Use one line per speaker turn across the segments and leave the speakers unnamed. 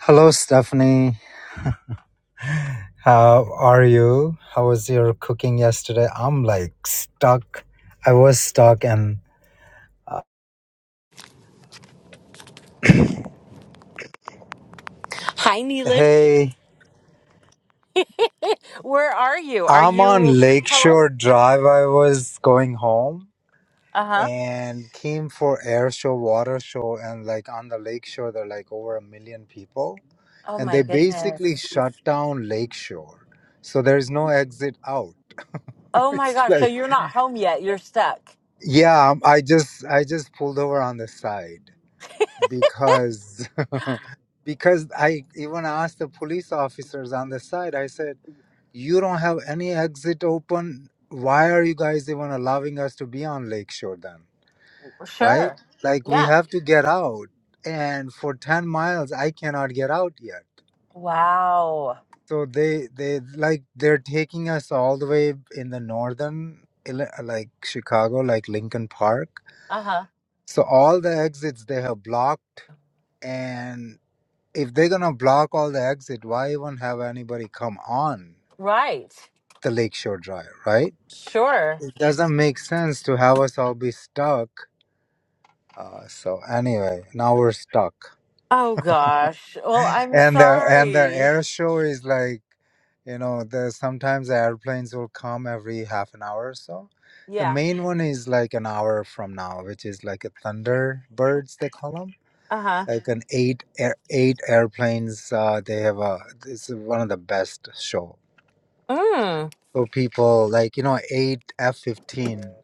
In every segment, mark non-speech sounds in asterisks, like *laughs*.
Hello, Stephanie. How are you? How was your cooking yesterday? I'm like stuck. I was stuck, and uh,
Hi, Neelish.
hey,
Where are you? Are
I'm
you
on
home?
Lakeshore Drive. I was going home
Uh huh.
and came for air show, water show, and like on the lakeshore, they're like over a million people,
Oh
and
my
they basically
goodness.
shut down Lakeshore, so there's no exit out. *laughs*
Oh my
it's
gosh. So
like
you're not home yet. You're stuck.
yeah, I'm- I just I just pulled over on the side. because *laughs* because I even asked the police officers on the side. I said, "You don't have any exit open. Why are you guys even allowing us to be on Lakeshore then? Right?
Sure.
Like we
Yeah.
have to get out, and for ten miles, I cannot get out yet.
Wow.
So they they like they're taking us all the way in the northern Illi- like Chicago, like Lincoln Park.
Uh huh.
So all the exits they have blocked." and." if they're gonna block all the exit, why even have anybody come on
Right.
the Lakeshore Drive, right?
Sure.
It doesn't make sense to have us all be stuck. Uh, so anyway, now we're stuck,
Oh gosh. Well,
*laughs*
I'm
and the and the
sorry.
air show is like, you know, there's sometimes the airplanes will come every half an hour or so. The
Yeah.
main one is like an hour from now, which is like a Thunderbirds they call them,
Uh huh.
like an eight air, eight airplanes. Uh, they have a it's one of the best show
Mm.
So people like you know eight F fifteen,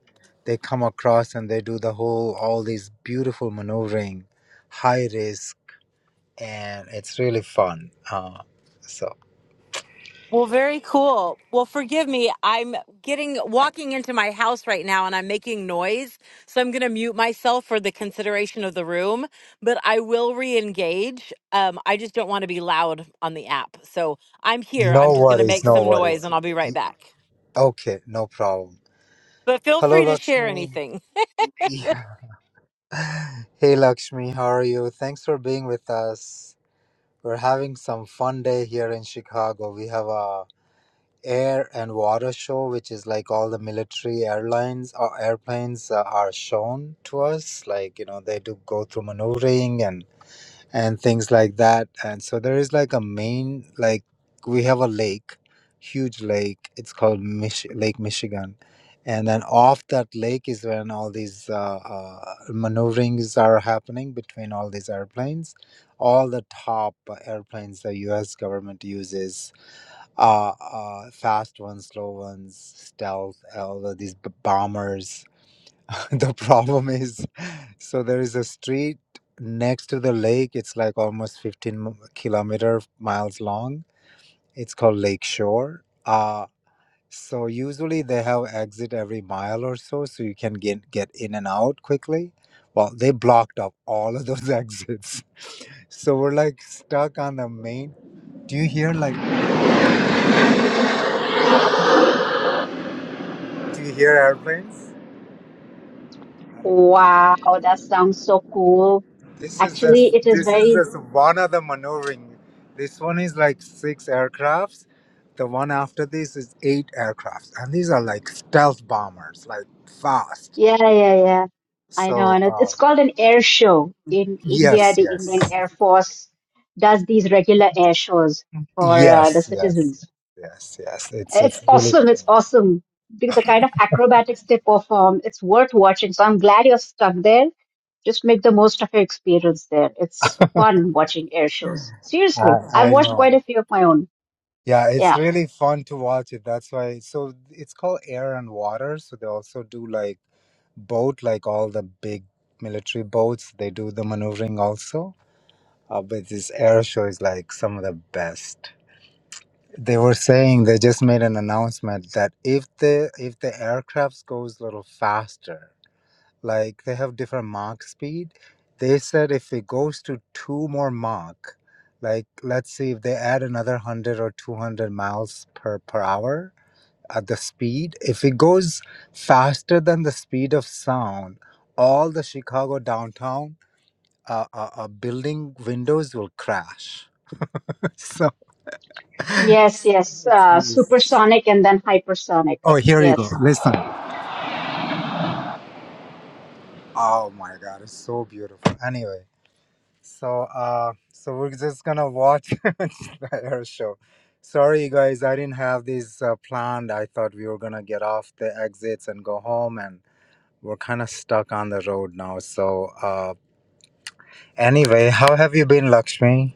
they come across and they do the whole all these beautiful maneuvering, high risk, and it's really fun. Uh, so
Well, very cool. Well, forgive me. I'm getting walking into my house right now and I'm making noise. So I'm going to mute myself for the consideration of the room, but I will re-engage. Um, I just don't want to be loud on the app. So I'm here. I'm
no
just going to
worries,
make
no
some noise
worries.
and I'll be right
Y-
back.
Okay, no problem.
But feel
Hello,
free to share
Lakshmi.
anything.
Yeah. *laughs* Hey, Lakshmi, how are you? Thanks for being with us. We're having some fun day here in Chicago. We have a air and water show, which is like all the military airlines or airplanes uh, are shown to us. Like you know, they do go through maneuvering and and things like that. And so there is like a main like we have a lake, huge lake. It's called Mich- Lake Michigan. And then off that lake is when all these uh, uh, maneuverings are happening between all these airplanes, all the top airplanes the U.S. government uses uh, uh, fast ones, slow ones, stealth, all of these b- bombers. *laughs* the problem is, so there is a street next to the lake. It's like almost 15 m- kilometer miles long. It's called Lake Shore. Uh, so usually they have exit every mile or so, so you can get get in and out quickly. Well, they blocked up all of those *laughs* exits, so we're like stuck on the main. Do you hear like? Do you hear airplanes? I don't know.
Wow, that sounds so cool.
This is just
Actually, it is
this is
very,
just one of the maneuvering. This one is like six aircrafts. The one after this is eight aircrafts, and these are like stealth bombers, like fast.
yeah, yeah, yeah. I
So
know, and it- it's
uh,
called an air show. In India,
yes,
the
yes,
Indian Air Force does these regular air shows for uh, the
yes, yes,
citizens.
yes, yes. It's
It's
it's really
awesome. It's
fun.
awesome. The, the kind of acrobatics they perform, it's worth watching. So I'm glad you're stuck there. Just make the most of your experience there. It's fun watching air shows. Seriously,
I
I've
I
watched
know.
quite a few of my own.
Yeah,
Yeah.
it's really fun to watch it. That's why. So it's called Air and Water. So they also do like boat, like all the big military boats. They do the maneuvering also Uh, but this air show is like some of the best. They were saying they just made an announcement that if the if the aircraft goes a little faster, like they have different Mach speed, they said if it goes to two more Mach, like let's see if they add another one hundred or two hundred miles per per hour at the speed, if it goes faster than the speed of sound, all the Chicago downtown uh, uh, uh, building windows will crash. *laughs*
Yes, yes. Uh,
Yes.
supersonic and then hypersonic.
Oh, here you go.
Yes.
Listen. Oh my God, it's so beautiful. Anyway, so uh, so we're just gonna watch *laughs* the air show. Sorry, you guys, I didn't have this uh, planned. I thought we were gonna get off the exits and go home, and we're kind of stuck on the road now. So uh, anyway, how have you been, Lakshmi?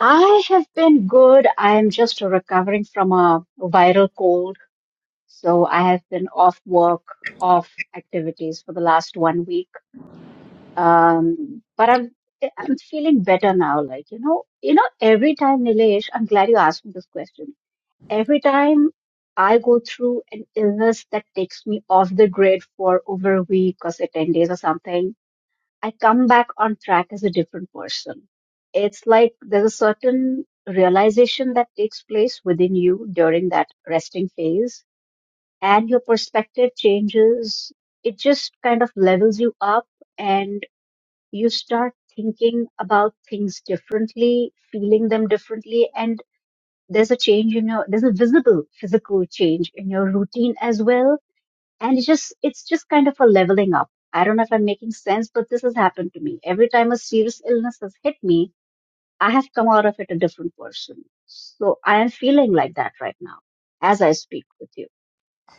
I have been good. I am just recovering from a viral cold. So I have been off work, off activities for the last one week. Um, but I'm I'm feeling better now. Like, you know, you know, every time, Nilesh, I'm glad you asked me this question. Every time I go through an illness that takes me off the grid for over a week or say 10 days or something, I come back on track as a different person. It's like there's a certain realization that takes place within you during that resting phase, and your perspective changes. It just kind of levels you up, and you start thinking about things differently, feeling them differently, and there's a change in your, there's a visible physical change in your routine as well and it's just it's just kind of a leveling up i don't know if i'm making sense but this has happened to me every time a serious illness has hit me i have come out of it a different person so i am feeling like that right now as i speak with you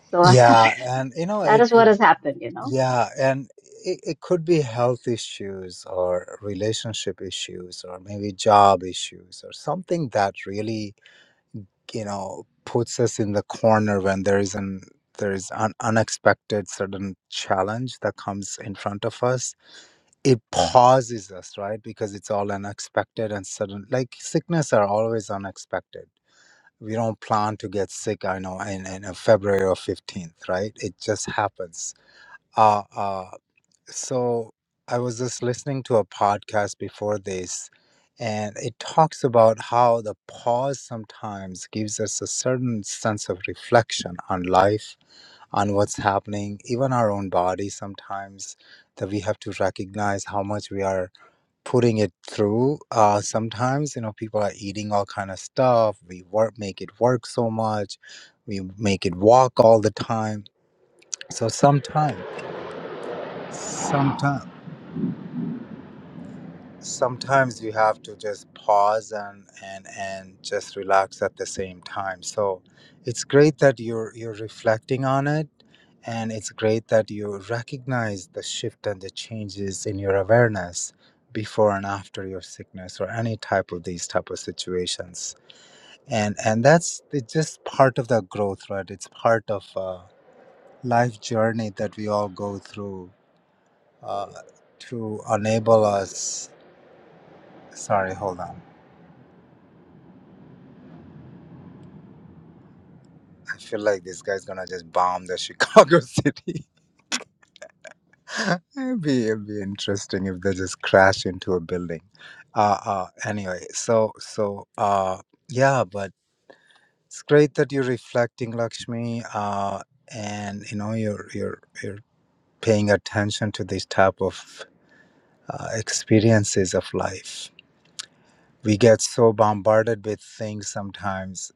so I,
Yeah, and you know
*laughs* that is what
it.
has happened you know
Yeah, and it, it could be health issues or relationship issues or maybe job issues or something that really, you know, puts us in the corner when there is an there is an unexpected sudden challenge that comes in front of us. It pauses us, right? Because it's all unexpected and sudden. Like sickness are always unexpected. We don't plan to get sick, I know, in, in uh, February or 15th, right? It just happens. Uh, uh, so I was just listening to a podcast before this, and it talks about how the pause sometimes gives us a certain sense of reflection on life, on what's happening, even our own body sometimes, that we have to recognize how much we are putting it through. Uh, sometimes, you know, people are eating all kind of stuff. We work, make it work so much. We make it walk all the time. So sometimes, sometimes. sometimes you have to just pause and and and just relax at the same time so it's great that you're you're reflecting on it and it's great that you recognize the shift and the changes in your awareness before and after your sickness or any type of these type of situations and and that's it's just part of the growth right it's part of a life journey that we all go through uh, to enable us sorry hold on I feel like this guy's gonna just bomb the Chicago *laughs* city. it'd be it'd be interesting if they just crash into a building. Uh, uh anyway, so so uh yeah, but it's great that you're reflecting, Lakshmi. Uh, and you know you're you're you're paying attention to these type of uh, experiences of life. We get so bombarded with things sometimes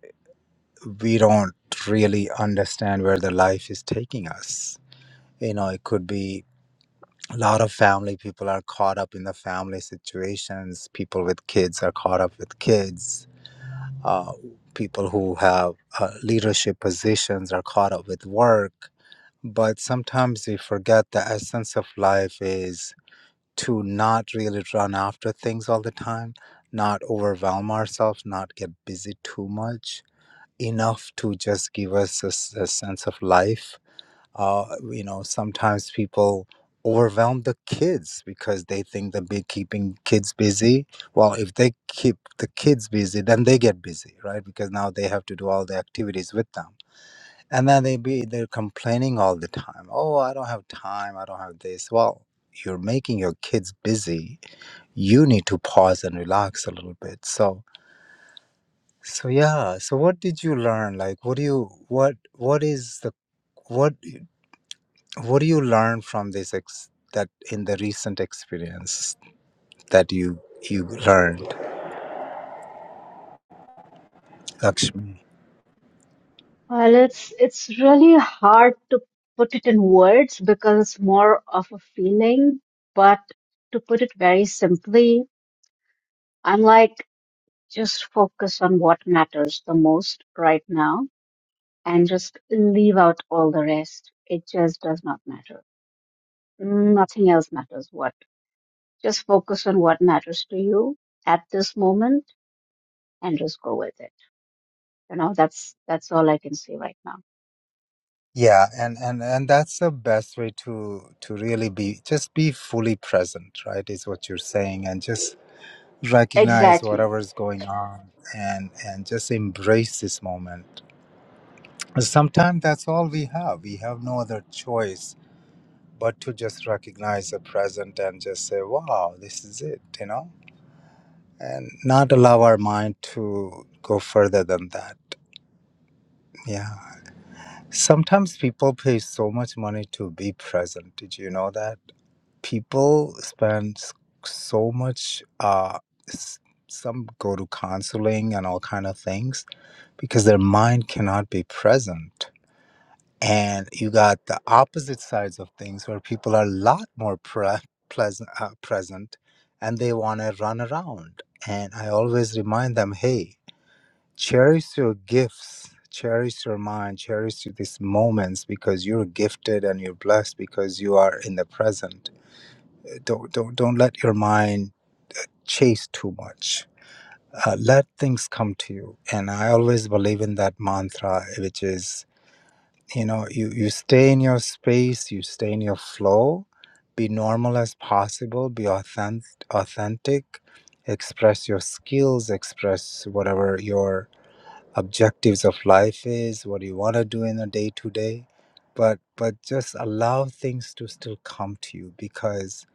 we don't really understand where the life is taking us you know it could be a lot of family people are caught up in the family situations. People with kids are caught up with kids. Uh, people who have uh, leadership positions are caught up with work. But sometimes we forget the essence of life is to not really run after things all the time, not overwhelm ourselves, not get busy too much, enough to just give us a, s- a sense of life uh, you know sometimes people overwhelm the kids because they think they'll be keeping kids busy well if they keep the kids busy then they get busy right because now they have to do all the activities with them and then they be they're complaining all the time oh i don't have time i don't have this well you're making your kids busy you need to pause and relax a little bit so so yeah so what did you learn like what do you what what is the what what do you learn from this ex- that in the recent experience that you you learned, Lakshmi?
well it's it's really hard to put it in words because it's more of a feeling but to put it very simply i'm like just focus on what matters the most right now and just leave out all the rest. It just does not matter. Nothing else matters. What? Just focus on what matters to you at this moment and just go with it. You know, that's that's all I can say right now.
Yeah, and and and that's the best way to to really be just be fully present, right? Is what you're saying, and just recognize
Exactly.
whatever's going on and and just embrace this moment. Sometimes that's all we have. We have no other choice but to just recognize the present and just say, "Wow, this is it," you know and not allow our mind to go further than that. Yeah. Sometimes people pay so much money to be present. Did you know that? People spend s- so much uh s- some go to counseling and all kind of things because their mind cannot be present. And you got the opposite sides of things where people are a lot more pre- pleasant, uh, present and they want to run around. And I always remind them, hey, Cherish your gifts, cherish your mind, cherish these moments because you're gifted and you're blessed because you are in the present. Don't don't don't let your mind chase too much. Uh, let things come to you. And I always believe in that mantra, which is you know you you stay in your space, you stay in your flow, be normal as possible, be authentic, authentic, express your skills, express whatever your objectives of life is, what do you want to do in a day to day, but but just allow things to still come to you because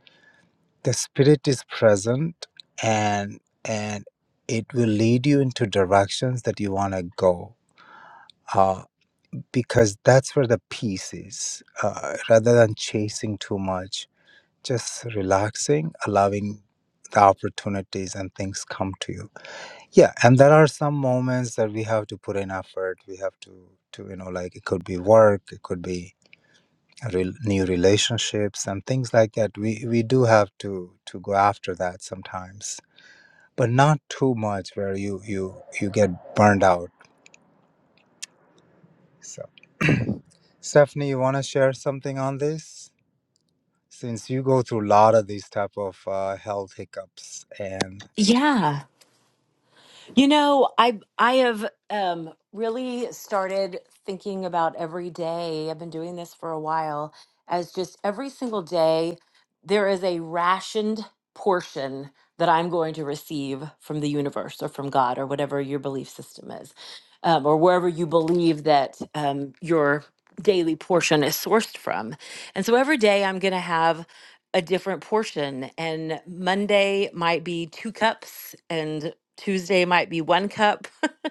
the spirit is present and and it will lead you into directions that you want to go. Uh, because that's where the peace is. Uh, rather than chasing too much, just relaxing, allowing the opportunities and things come to you yeah and there are some moments that we have to put in effort we have to to you know like it could be work it could be a rel new relationships and things like that we we do have to to go after that sometimes but not too much where you you you get burned out so stephanie you want to share something on this since you go through a lot of these type of uh, health hiccups and
Yeah. You know, I I have um, really started thinking about every day. I've been doing this for a while, as just every single day, there is a rationed portion that I'm going to receive from the universe or from God or whatever your belief system is, um, or wherever you believe that um, your daily portion is sourced from. And so every day, I'm going to have a different portion and monday might be two cups and Tuesday might be one cup,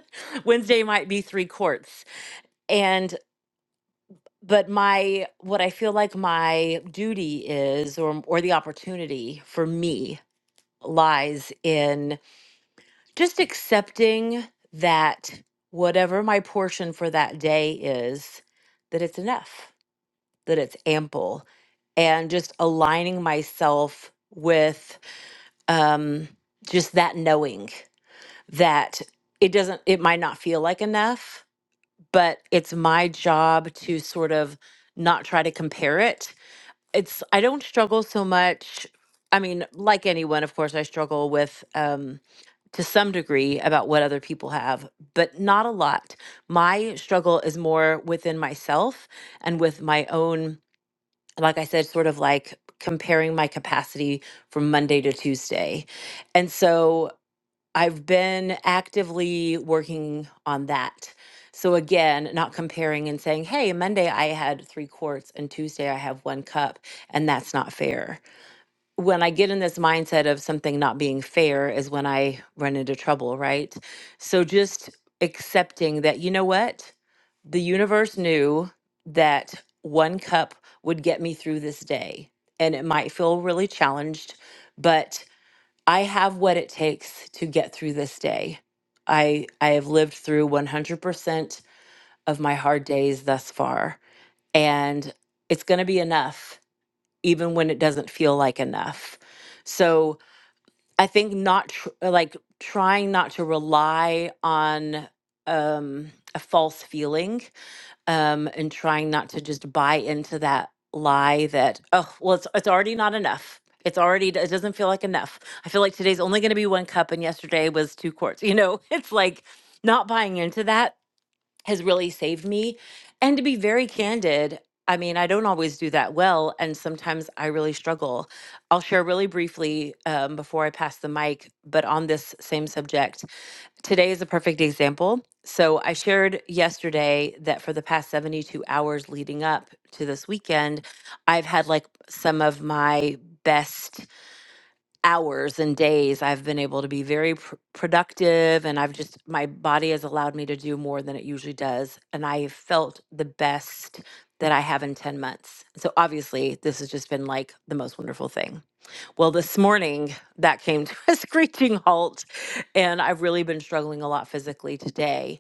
*laughs* Wednesday might be three quarts. And but my what I feel like my duty is or or the opportunity for me lies in just accepting that whatever my portion for that day is that it's enough, that it's ample and just aligning myself with um just that knowing that it doesn't it might not feel like enough but it's my job to sort of not try to compare it. It's I don't struggle so much. I mean, like anyone, of course, I struggle with um, to some degree about what other people have, but not a lot. My struggle is more within myself and with my own, like I said, sort of like comparing my capacity from Monday to Tuesday. And so I've been actively working on that. So again, not comparing and saying, hey, Monday I had three quarts and Tuesday I have one cup, and that's not fair. When I get in this mindset of something not being fair is when I run into trouble, right? So just accepting that, you know what? The universe knew that one cup would get me through this day. And it might feel really challenged, but I have what it takes to get through this day. I I have lived through 100% of my hard days thus far and it's going to be enough even when it doesn't feel like enough. So I think not tr- uh, like trying not to rely on um, a false feeling um, and trying not to just buy into that lie that oh well it's it's already not enough. It's already it doesn't feel like enough. I feel like today's only going to be one cup and yesterday was two quarts. You know, *laughs* it's like not buying into that has really saved me. And to be very candid, I mean, I don't always do that well, and sometimes I really struggle. I'll share really briefly um, before I pass the mic, but on this same subject, today is a perfect example. So, I shared yesterday that for the past 72 hours leading up to this weekend, I've had like some of my best hours and days I've been able to be very pr- productive and I've just my body has allowed me to do more than it usually does and I felt the best that I have in 10 months. So obviously this has just been like the most wonderful thing. Well, this morning that came to *laughs* a screeching halt and I've really been struggling a lot physically today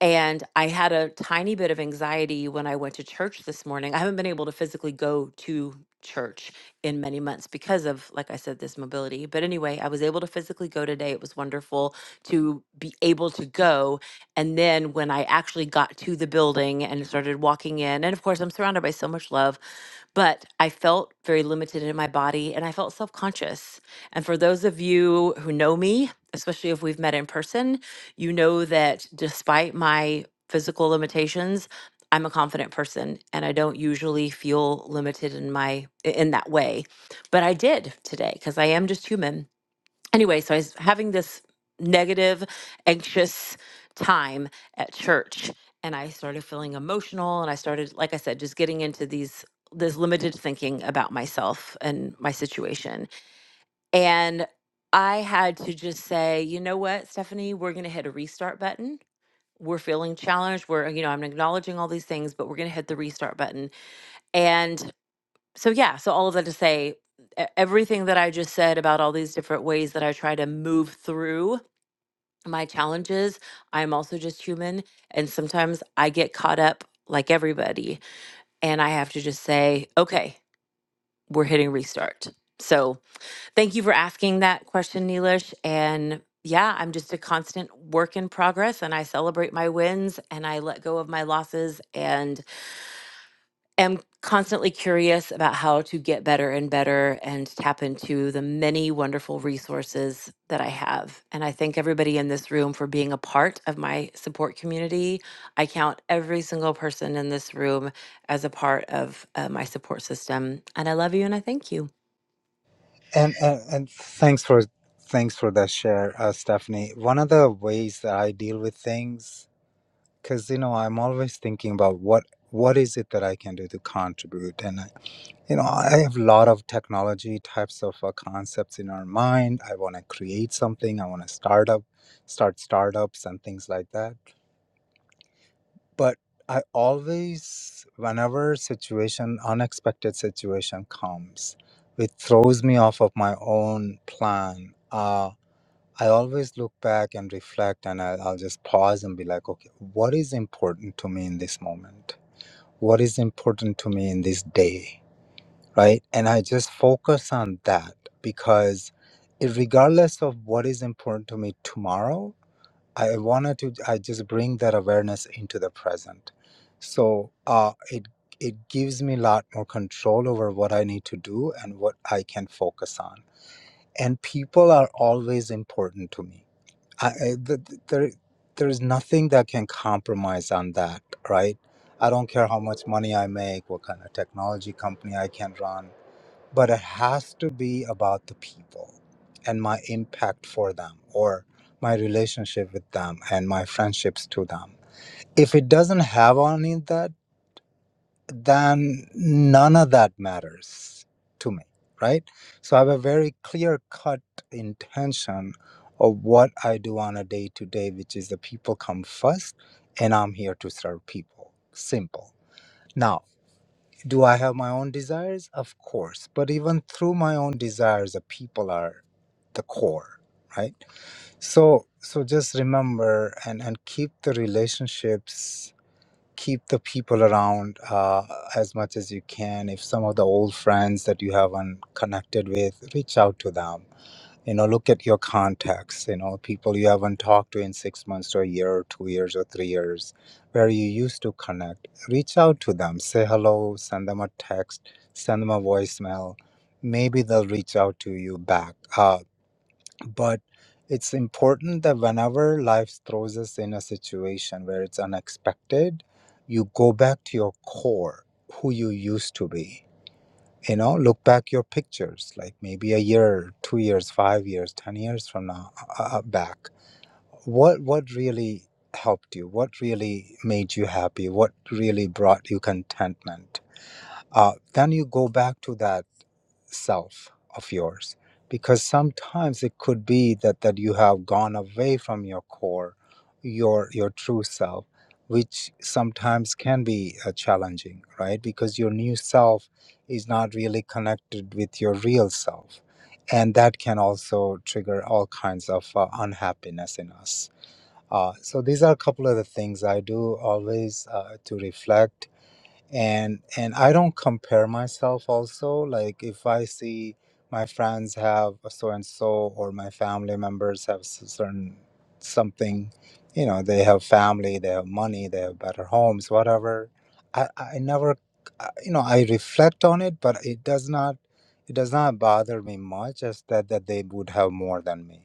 and I had a tiny bit of anxiety when I went to church this morning. I haven't been able to physically go to church in many months because of, like I said, this mobility. But anyway, I was able to physically go today. It was wonderful to be able to go. And then when I actually got to the building and started walking in, and of course, I'm surrounded by so much love, but I felt very limited in my body and I felt self conscious. And for those of you who know me, especially if we've met in person, you know that despite my physical limitations, I'm a confident person and I don't usually feel limited in my in that way. But I did today cuz I am just human. Anyway, so I was having this negative, anxious time at church and I started feeling emotional and I started like I said just getting into these this limited thinking about myself and my situation. And I had to just say, you know what, Stephanie, we're going to hit a restart button we're feeling challenged. We're, you know, I'm acknowledging all these things, but we're going to hit the restart button. And so, yeah, so all of that to say, e- everything that I just said about all these different ways that I try to move through my challenges, I'm also just human. And sometimes I get caught up like everybody, and I have to just say, okay, we're hitting restart. So, Thank you for asking that question, Neelish. And yeah, I'm just a constant work in progress and I celebrate my wins and I let go of my losses and am constantly curious about how to get better and better and tap into the many wonderful resources that I have. And I thank everybody in this room for being a part of my support community. I count every single person in this room as a part of uh, my support system. And I love you and I thank you.
And, and and thanks for thanks for that share, uh, Stephanie. One of the ways that I deal with things, because you know, I'm always thinking about what what is it that I can do to contribute, and I, you know, I have a lot of technology types of uh, concepts in our mind. I want to create something. I want to start up, start startups and things like that. But I always, whenever situation, unexpected situation comes, it throws me off of my own plan. uh, I always look back and reflect, and I'll, I'll just pause and be like, okay, what is important to me in this moment? What is important to me in this day? Right. And I just focus on that because, it, regardless of what is important to me tomorrow, I wanted to, I just bring that awareness into the present. So uh, it, it gives me a lot more control over what I need to do and what I can focus on. And people are always important to me I, I, th- th- there, there's nothing that can compromise on that, right? I don't care how much money I make, what kind of technology company I can run, but it has to be about the people and my impact for them or my relationship with them and my friendships to them. If it doesn't have any of that, then none of that matters to me, right? So I have a very clear cut intention of what I do on a day to day, which is the people come first and I'm here to serve people. Simple. Now, do I have my own desires? Of course. But even through my own desires, the people are the core, right? So so just remember and, and keep the relationships keep the people around uh, as much as you can. If some of the old friends that you haven't connected with, reach out to them. You know, look at your contacts, you know, people you haven't talked to in six months to a year or two years or three years, where you used to connect. Reach out to them, say hello, send them a text, send them a voicemail. Maybe they'll reach out to you back. Uh, but it's important that whenever life throws us in a situation where it's unexpected, you go back to your core, who you used to be. You know, look back your pictures, like maybe a year, two years, five years, ten years from now uh, uh, uh, back. What what really helped you? What really made you happy? What really brought you contentment? Uh, then you go back to that self of yours because sometimes it could be that that you have gone away from your core your your true self which sometimes can be uh, challenging right because your new self is not really connected with your real self and that can also trigger all kinds of uh, unhappiness in us uh, so these are a couple of the things i do always uh, to reflect and and i don't compare myself also like if i see my friends have a so and so or my family members have s- certain something you know they have family they have money they have better homes whatever i i never uh, you know i reflect on it but it does not it does not bother me much as that that they would have more than me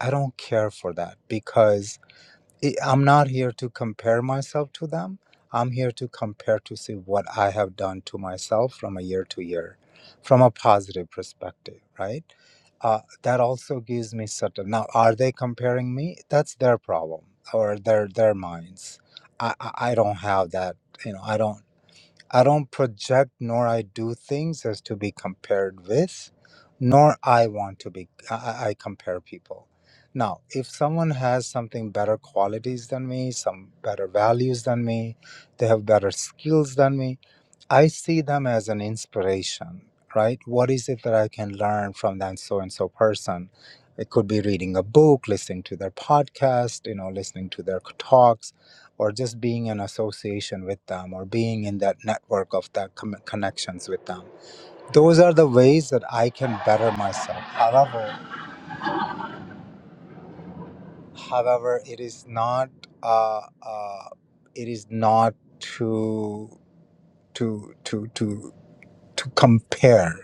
i don't care for that because I- I'm not here to compare myself to them. I'm here to compare to see what I have done to myself from a year to year, from a positive perspective, right? Uh, that also gives me certain. Now, are they comparing me? That's their problem or their their minds. I I I don't have that. You know, I don't. I don't project nor I do things as to be compared with, nor I want to be, I, I I compare people. Now, if someone has something better qualities than me, some better values than me, they have better skills than me, I see them as an inspiration, right? What is it that I can learn from that so and so person? It could be reading a book, listening to their podcast, you know, listening to their talks or just being in association with them or being in that network of that com- connections with them those are the ways that i can better myself however however it is not uh, uh, it is not to to to to to compare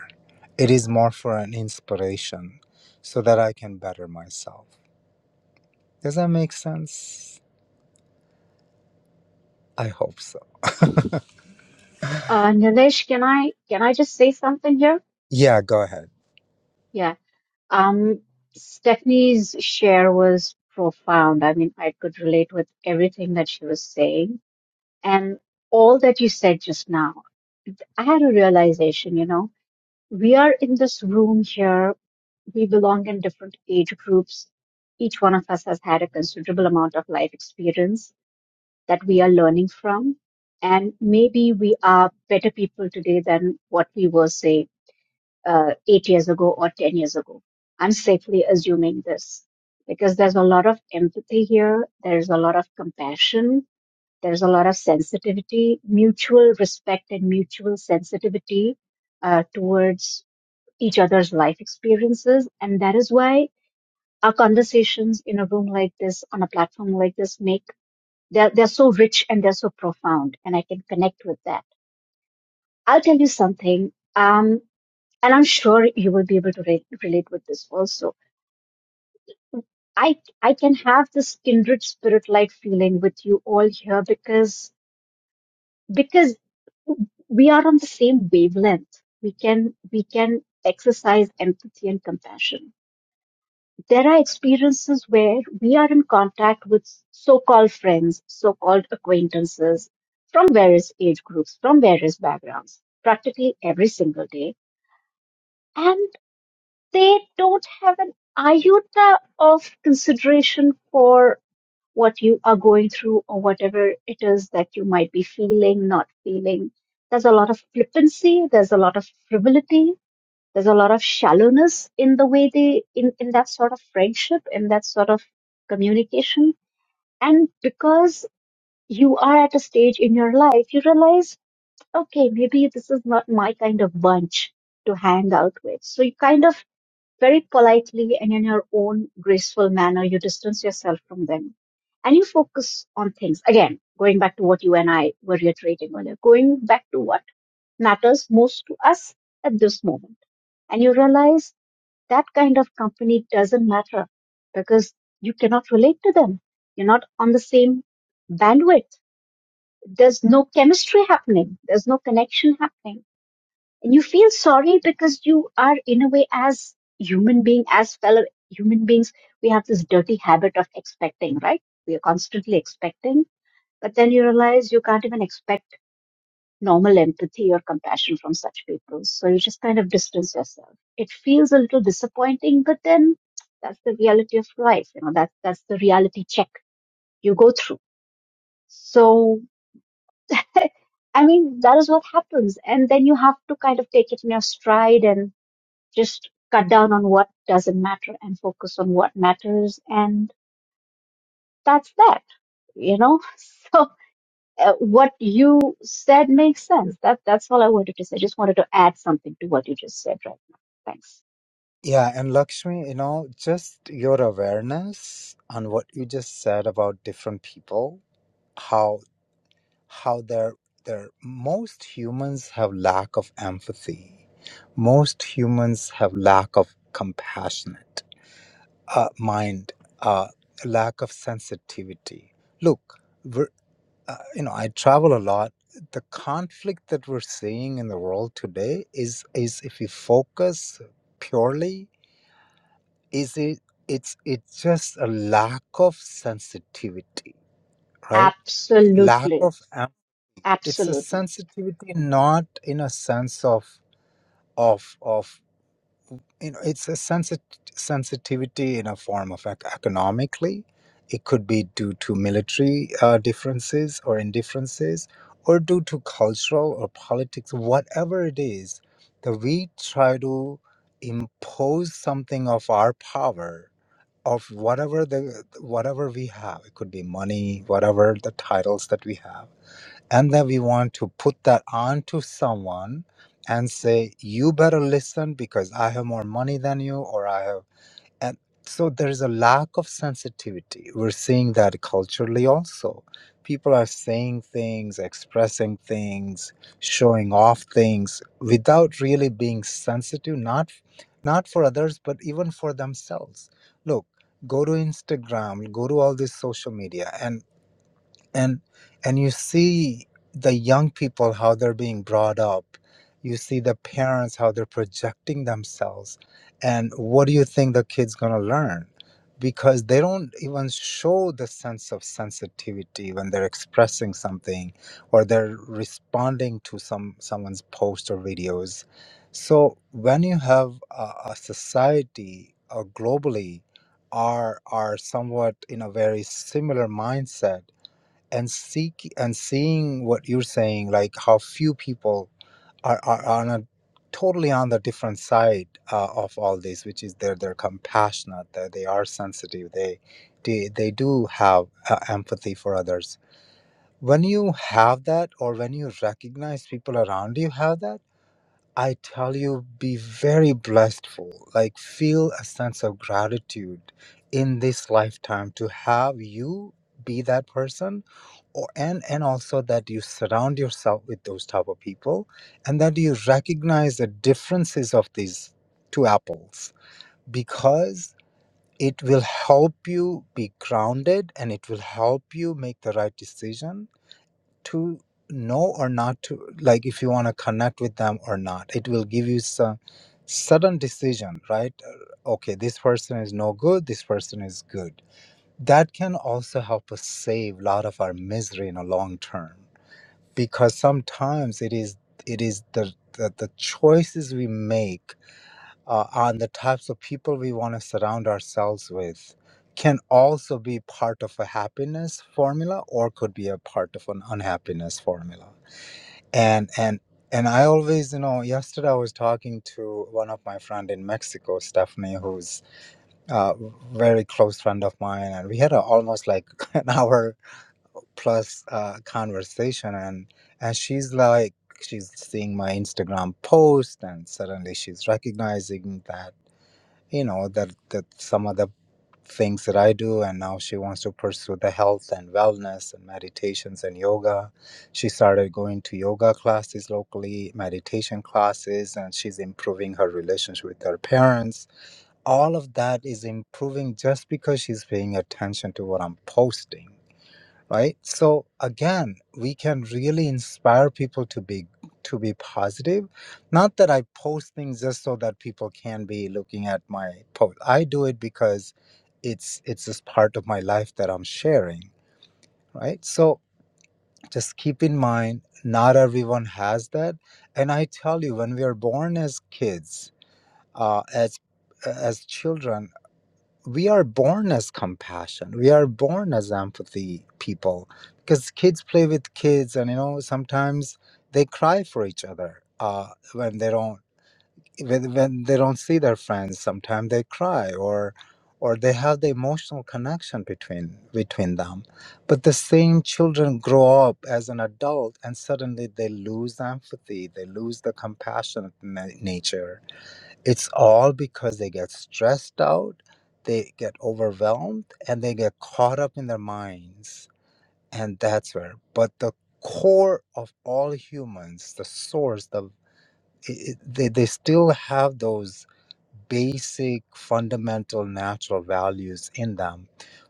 it is more for an inspiration so that i can better myself does that make sense i hope so
Uh, Nilesh, can I can I just say something here?
yeah go ahead
Yeah. Um, Stephanie's share was profound. I mean, I could relate with everything that she was saying and all that you said just now. I had a realization, you know. We are in this room here. We belong in different age groups. Each one of us has had a considerable amount of life experience that we are learning from. And maybe we are better people today than what we were, say, uh, eight years ago or 10 years ago. I'm safely assuming this because there's a lot of empathy here. There's a lot of compassion. There's a lot of sensitivity, mutual respect and mutual sensitivity uh, towards each other's life experiences. And that is why our conversations in a room like this, on a platform like this, make they're, they're so rich and they're so profound. And I can connect with that. I'll tell you something. Um, and I'm sure you will be able to re- relate with this also. I, I can have this kindred spirit like feeling with you all here because, because we are on the same wavelength. We can, we can exercise empathy and compassion There are experiences where we are in contact with so-called friends, so-called acquaintances from various age groups, from various backgrounds, practically every single day, and they don't have an iota of consideration for what you are going through or whatever it is that you might be feeling, not feeling. There's a lot of flippancy, there's a lot of frivolity, there's a lot of shallowness in the way they, in, in that sort of friendship, in that sort of communication. And because you are at a stage in your life, you realize, okay, maybe this is not my kind of bunch to hang out with. So you kind of very politely and in your own graceful manner, you distance yourself from them and you focus on things. Again, going back to what you and I were reiterating earlier, going back to what matters most to us at this moment. And you realize that kind of company doesn't matter because you cannot relate to them. You're not on the same bandwidth. There's no chemistry happening. There's no connection happening. And you feel sorry because you are in a way as human being, as fellow human beings, we have this dirty habit of expecting, right? We are constantly expecting, but then you realize you can't even expect normal empathy or compassion from such people. So you just kind of distance yourself. It feels a little disappointing, but then that's the reality of life. You know, that's that's the reality check you go through. So, *laughs* I mean, that is what happens. And then you have to kind of take it in your stride and just cut down on what doesn't matter and focus on what matters. And that's that, you know? *laughs* uh, what you said makes sense. That that's all I wanted to say. I just wanted to add something to what you just said right now. Thanks.
Yeah, and Lakshmi, you know, just your awareness on what you just said about different people, how how they're they're most humans have lack of empathy. Most humans have lack of compassionate uh, mind, uh, lack of sensitivity. Look, we're, uh, you know, I travel a lot. The conflict that we're seeing in the world today is is if you focus purely is it it's it's just a lack of sensitivity right lack
Absolutely,
of am- it's a
absolutely.
sensitivity not in a sense of of of you know it's a sensit- sensitivity in a form of ec- economically it could be due to military uh, differences or indifferences or due to cultural or politics whatever it is that we try to impose something of our power of whatever the whatever we have it could be money whatever the titles that we have and then we want to put that onto someone and say you better listen because i have more money than you or i have and so there is a lack of sensitivity we're seeing that culturally also people are saying things expressing things showing off things without really being sensitive not not for others but even for themselves look go to instagram go to all this social media and and and you see the young people how they're being brought up you see the parents how they're projecting themselves and what do you think the kids going to learn because they don't even show the sense of sensitivity when they're expressing something or they're responding to some someone's post or videos so when you have a, a society uh, globally are are somewhat in a very similar mindset and seek and seeing what you're saying like how few people are are, are on a totally on the different side uh, of all this which is they're they're compassionate that they are sensitive they they, they do have uh, empathy for others when you have that or when you recognize people around you have that i tell you be very blessedful like feel a sense of gratitude in this lifetime to have you be that person or, and and also that you surround yourself with those type of people and that you recognize the differences of these two apples because it will help you be grounded and it will help you make the right decision to know or not to like if you want to connect with them or not it will give you some sudden decision right Uh, okay this person is no good this person is good that can also help us save a lot of our misery in a long term because sometimes it is it is the the, the choices we make uh, on the types of people we want to surround ourselves with can also be part of a happiness formula or could be a part of an unhappiness formula and and and i always you know yesterday i was talking to one of my friend in mexico stephanie who's a very close friend of mine and we had a, almost like *laughs* an hour plus uh, conversation and and she's like she's seeing my instagram post and suddenly she's recognizing that you know that that some of the things that i do and now she wants to pursue the health and wellness and meditations and yoga she started going to yoga classes locally meditation classes and she's improving her relationship with her parents all of that is improving just because she's paying attention to what i'm posting right so again we can really inspire people to be to be positive not that i post things just so that people can be looking at my post i do it because it's it's just part of my life that i'm sharing right so just keep in mind not everyone has that and i tell you when we are born as kids uh, as as children we are born as compassion we are born as empathy people because kids play with kids and you know sometimes they cry for each other uh, when they don't when, when they don't see their friends sometimes they cry or or they have the emotional connection between between them but the same children grow up as an adult and suddenly they lose empathy they lose the compassionate na- nature it's all because they get stressed out, they get overwhelmed, and they get caught up in their minds. And that's where. But the core of all humans, the source, the i i- they, they still have those basic, fundamental, natural values in them.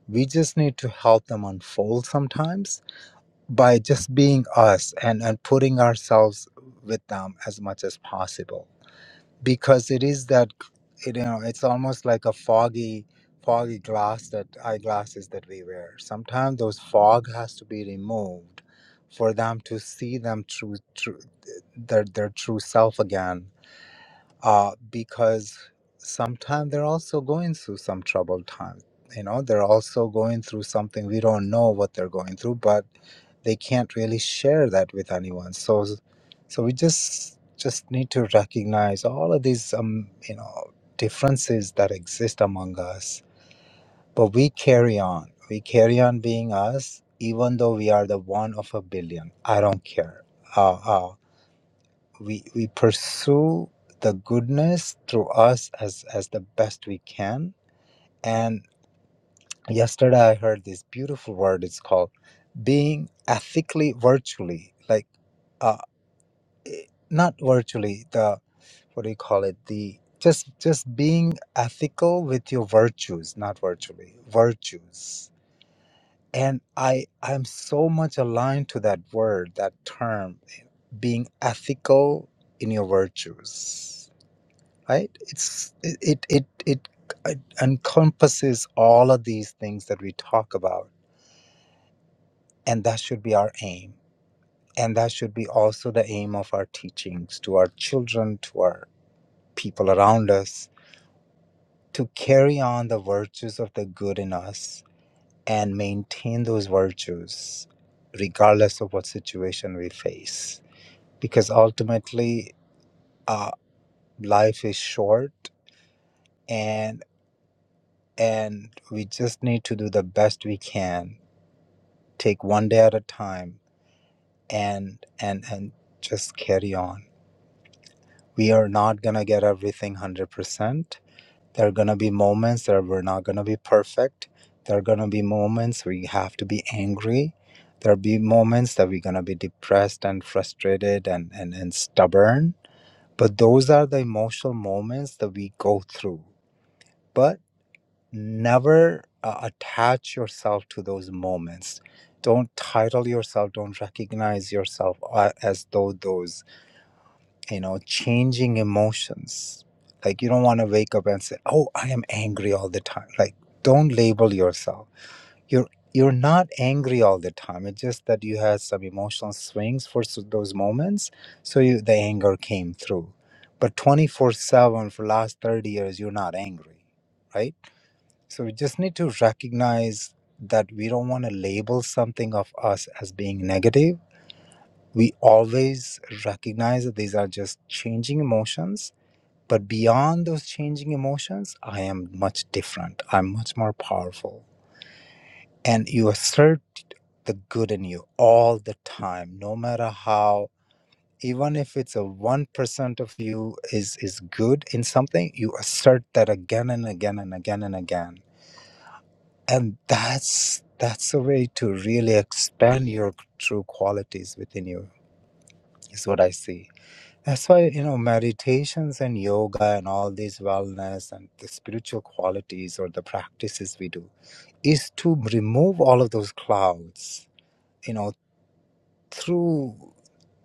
We just need to help them unfold sometimes by just being us and, and putting ourselves with them as much as possible because it is that you know it's almost like a foggy foggy glass that eyeglasses that we wear sometimes those fog has to be removed for them to see them true, true their, their true self again uh, because sometimes they're also going through some troubled times. You know, they're also going through something we don't know what they're going through, but they can't really share that with anyone. So, so we just just need to recognize all of these, um, you know, differences that exist among us. But we carry on. We carry on being us, even though we are the one of a billion. I don't care. Uh, uh, we we pursue the goodness through us as as the best we can and yesterday i heard this beautiful word it's called being ethically virtually like uh eh, not virtually the what do you call it the just just being ethical with your virtues not virtually virtues and i i'm so much aligned to that word that term being ethical in your virtues right it's it it it, it encompasses all of these things that we talk about and that should be our aim and that should be also the aim of our teachings to our children to our people around us to carry on the virtues of the good in us and maintain those virtues regardless of what situation we face because ultimately uh, life is short and and we just need to do the best we can take one day at a time and and and just carry on we are not going to get everything 100% there are going to be moments that we're not going to be perfect there are going to be moments where you have to be angry there'll be moments that we're going to be depressed and frustrated and, and and stubborn but those are the emotional moments that we go through But. never uh, attach yourself to those moments don't title yourself don't recognize yourself uh, as though those you know changing emotions like you don't want to wake up and say oh i am angry all the time like don't label yourself you're you're not angry all the time it's just that you had some emotional swings for s- those moments so you, the anger came through but 24 7 for last 30 years you're not angry right so we just need to recognize that we don't want to label something of us as being negative. We always recognize that these are just changing emotions. But beyond those changing emotions, I am much different. I'm much more powerful. And you assert the good in you all the time, no matter how even if it's a 1% of you is is good in something you assert that again and again and again and again and that's that's a way to really expand your true qualities within you is what i see that's why you know meditations and yoga and all these wellness and the spiritual qualities or the practices we do is to remove all of those clouds you know through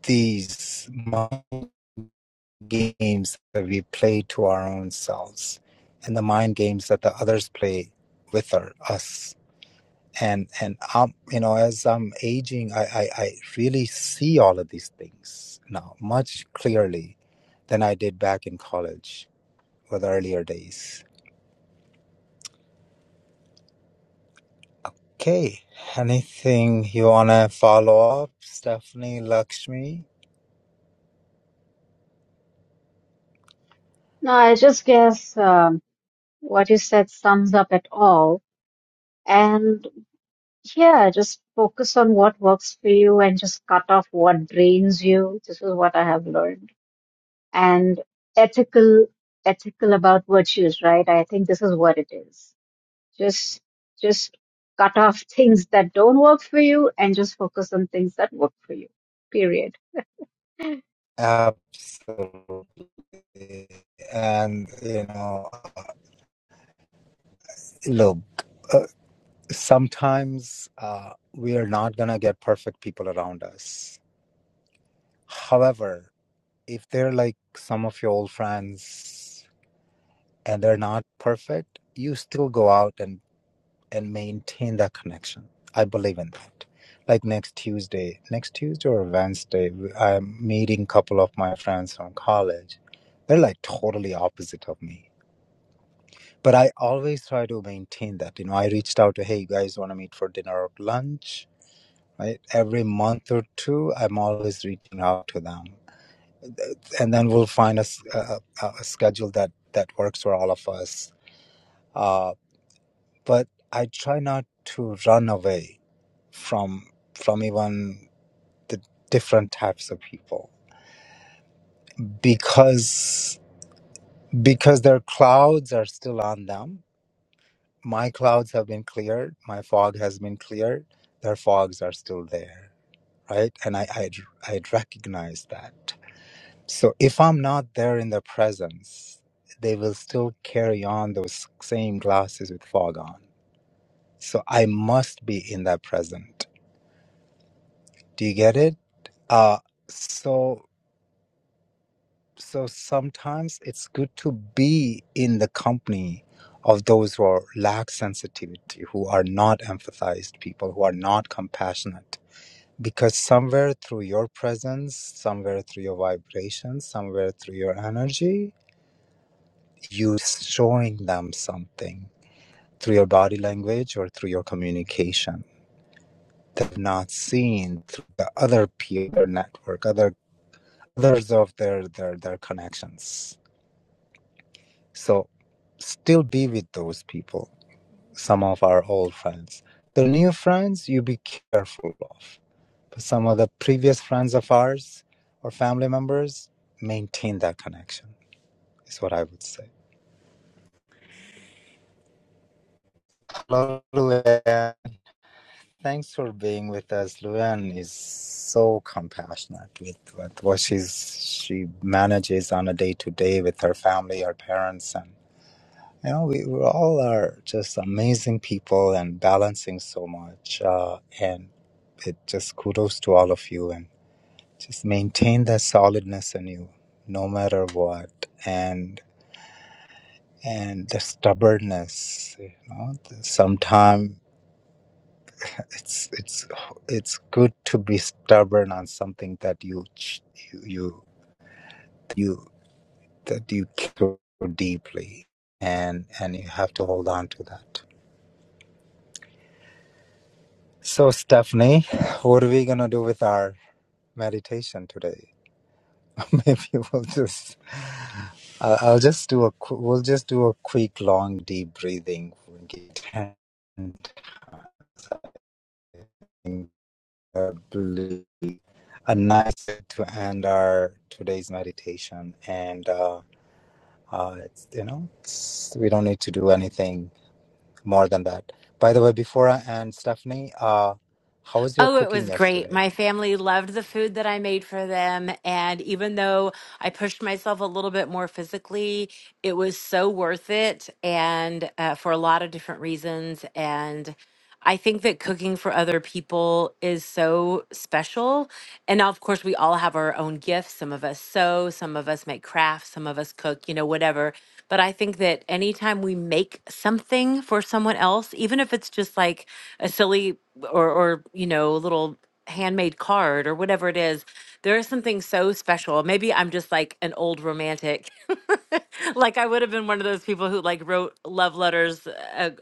these mind games that we play to our own selves and the mind games that the others play with our, us and and um you know as i'm aging I, I i really see all of these things now much clearly than i did back in college or the earlier days okay anything you want to follow up stephanie lakshmi
No, I just guess um, what you said sums up it all. And yeah, just focus on what works for you and just cut off what drains you. This is what I have learned. And ethical, ethical about virtues, right? I think this is what it is Just just cut off things that don't work for you and just focus on things that work for you. Period.
absolutely and you know uh, look uh, sometimes uh, we are not going to get perfect people around us however if they're like some of your old friends and they're not perfect, you still go out and and maintain that connection. I believe in that. Like next Tuesday, next Tuesday or Wednesday, i I'm meeting a couple of my friends from college. They're like totally opposite of me. But I always try to maintain that. You know, I reached out to, hey, you guys want to meet for dinner or lunch? Right? Every month or two, I'm always reaching out to them and then we'll find a, s- a- a- a schedule that that works for all of us uh, but i try not to run away from from even the different types of people because because their clouds are still on them my clouds have been cleared my fog has been cleared their fogs are still there right and i i, I recognize that So if I'm not there in their presence, they will still carry on those same glasses with fog on. So I must be in that present. Do you get it? Uh so so sometimes it's good to be in the company of those who are lack sensitivity, who are not empathized people, who are not compassionate. Because somewhere through your presence, somewhere through your vibrations, somewhere through your energy, you showing them something through your body language or through your communication they've not seen through the other peer network other others of their their their connections so still be with those people some of our old friends the new friends you be careful of but some of the previous friends of ours or family members maintain that connection is what i would say hello Luann. Thanks for being with us. Luann is so compassionate with, with what she's she manages on a day to day with her family, her parents, and you know we, we all are just amazing people and balancing so much. Uh, and it just kudos to all of you and just maintain that solidness in you, no matter what, and and the stubbornness. You know, sometime it's it's it's good to be stubborn on something that you ch- you you, you that you care deeply and and you have to hold on to that so stephanie what are we gonna do with our meditation today *laughs* maybe we'll just I'll, I'll just do a qu- we'll just do a quick long deep breathing and I believe a nice way to end our today's meditation and uh, Uh, it's, you know, it's, we don't need to do anything more than that. By the way, before I end, Stephanie, uh, how was your
Oh, it
cooking
was great.
yesterday?
My family loved the food that I made for them. And even though I pushed myself a little bit more physically, it was so worth it and uh, for a lot of different reasons. And I think that cooking for other people is so special. And of course, we all have our own gifts. Some of us sew, some of us make crafts, some of us cook, you know, whatever. But I think that anytime we make something for someone else, even if it's just like, a silly or or you know little handmade card or whatever it is there is something so special maybe i'm just like an old romantic *laughs* like i would have been one of those people who like wrote love letters uh,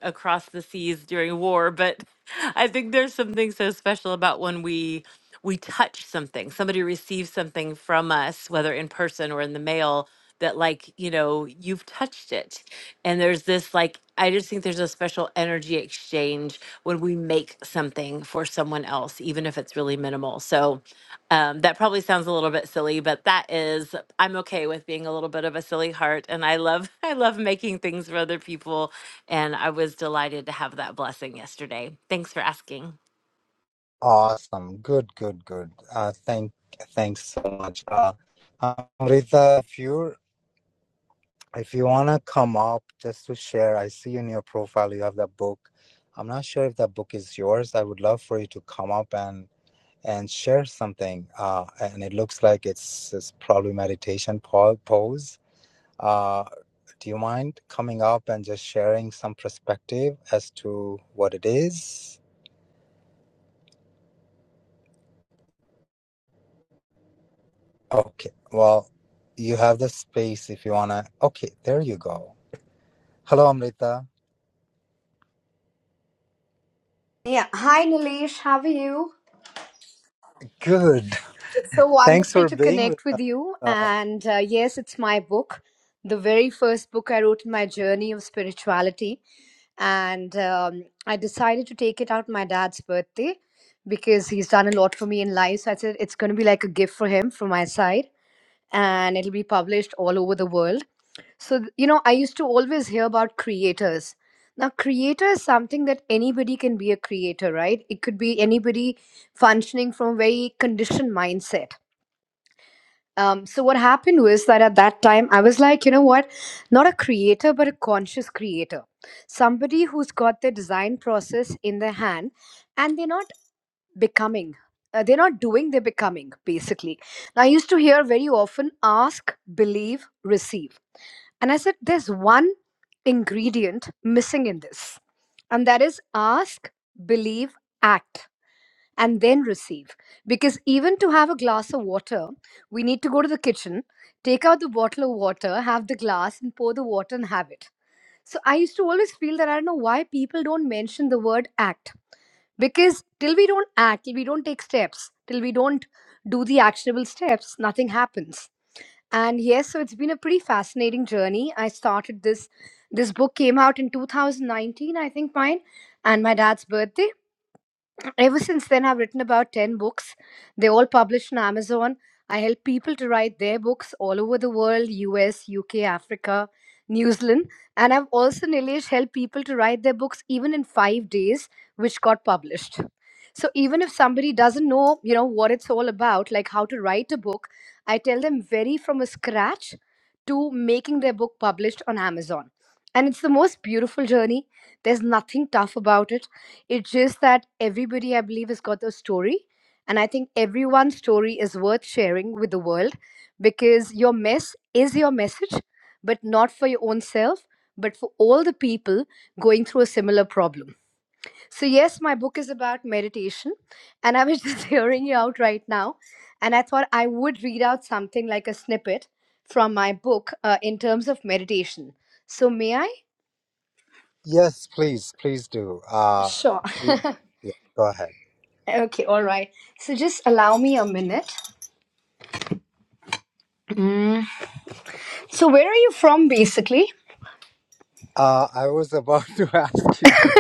a- across the seas during war but *laughs* i think there's something so special about when we we touch something somebody receives something from us whether in person or in the mail that like you know you've touched it and there's this like i just think there's a special energy exchange when we make something for someone else even if it's really minimal so um, that probably sounds a little bit silly but that is i'm okay with being a little bit of a silly heart and i love *laughs* i love making things for other people and i was delighted to have that blessing yesterday thanks for asking
Awesome. Good, good, good. Uh, thank, thanks so much. Uh, uh, Rita, if you if you wanna come up just to share, I see in your profile you have that book. I'm not sure if that book is yours. I would love for you to come up and and share something. Uh, and it looks like it's it's probably meditation po- pose Uh, do you mind coming up and just sharing some perspective as to what it is? Okay, well, you have the space if you wanna. Okay, there you go. Hello, Amrita.
Yeah. Hi, Nilesh. How are you?
Good.
It's so
*laughs* Thanks
wonderful
for
to
being with
connect with you.
us. Uh,
And uh, yes, it's my book, the very first book I wrote in my journey of spirituality. And um, I decided to take it out my dad's birthday because he's done a lot for me in life. So I said it's going to be like a gift for him from my side. And it'll be published all over the world. So, th- you know, I used to always hear about creators. Now, creator is something that anybody can be a creator, right? It could be anybody functioning from a very conditioned mindset. Um, so, what happened was that at that time, I was like, you know what? Not a creator, but a conscious creator. Somebody who's got their design process in their hand and they're not becoming. Uh, they're not doing, they're becoming, basically. Now, I used to hear very often ask, believe, receive and I said, there's one ingredient missing in this, and that is ask, believe, act, and then receive. Because even to have a glass of water, we need to go to the kitchen, take out the bottle of water, have the glass, and pour the water and have it. So I used to always feel that I don't know why people don't mention the word act. Because till we don't act, till we don't take steps, till we don't do the actionable steps, nothing happens and yes so it's been a pretty fascinating journey i started this this book came out in 2019 i think mine and my dad's birthday Ever since then, I've written about 10 books. They all published on Amazon. I help people to write their books all over the world US, UK, Africa, New Zealand. And I've also, Nilesh, helped people to write their books even in five days, which got published. So even if somebody doesn't know, you know, what it's all about, like how to write a book, I tell them very from a scratch to making their book published on Amazon. And it's the most beautiful journey. There's nothing tough about it it's just that everybody, I believe, has got a story. And I think everyone's story is worth sharing with the world because your mess is your message, but not for your own self, but for all the people going through a similar problem. So, yes, my book is about meditation. And I was *laughs* just hearing you out right now. And I thought I would read out something like a snippet from my book uh, in terms of meditation. So, may I?
yes, please, please do. Uh,
Sure.
y-
*laughs*
yeah, go ahead.
okay, all right. So, just allow me a minute. Mm. So where are you from basically?
Uh, I was about *laughs* to ask you this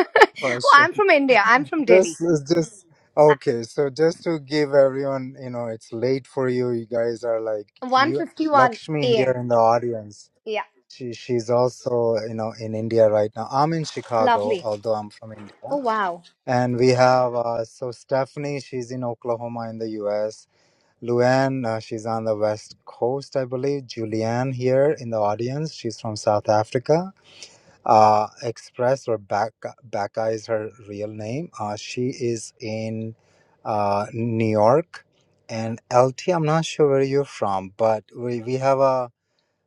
Oh,
question.
I'm from India. I'm from Delhi.
Just, it's just okay. So just to give everyone, you know, it's late for you. You guys are like
One
you,
fifty-one
Lakshmi here
a.m.
in the audience.
Yeah,
She she's also you know in India right now. I'm in Chicago,
lovely.
although I'm from India.
Oh wow.
And we have uh, so Stephanie, she's in Oklahoma in the U.S. Luann, uh, she's on the West Coast, I believe. Julianne here in the audience, she's from South Africa. Uh, Express or Baka, Baka is her real name. Uh, she is in uh, New York, and LT. I'm not sure where you're from, but we, we have a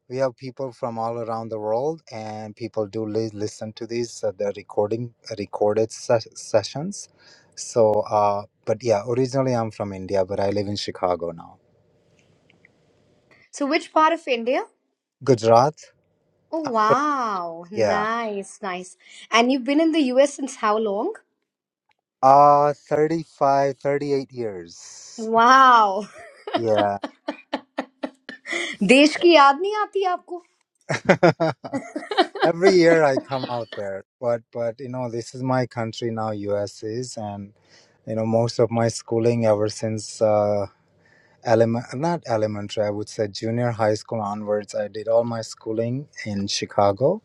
we have people from all around the world, and people do li- listen to these uh, the recording recorded ses- sessions. So, uh, but yeah, originally I'm from India, but I live in Chicago now,
So which part of India?
Gujarat.
Oh
I'm, Pat-
wow.
yeah,
Nice, nice. And you've been in the US since how long?
uh, 35, 38 years.
Wow.
Yeah.
देश की याद नहीं आती आपको?
*laughs* every year I come out there, but but you know this is my country now, U.S. is, and you know most of my schooling ever since uh, element not elementary, I would say junior high school onwards, I did all my schooling in Chicago.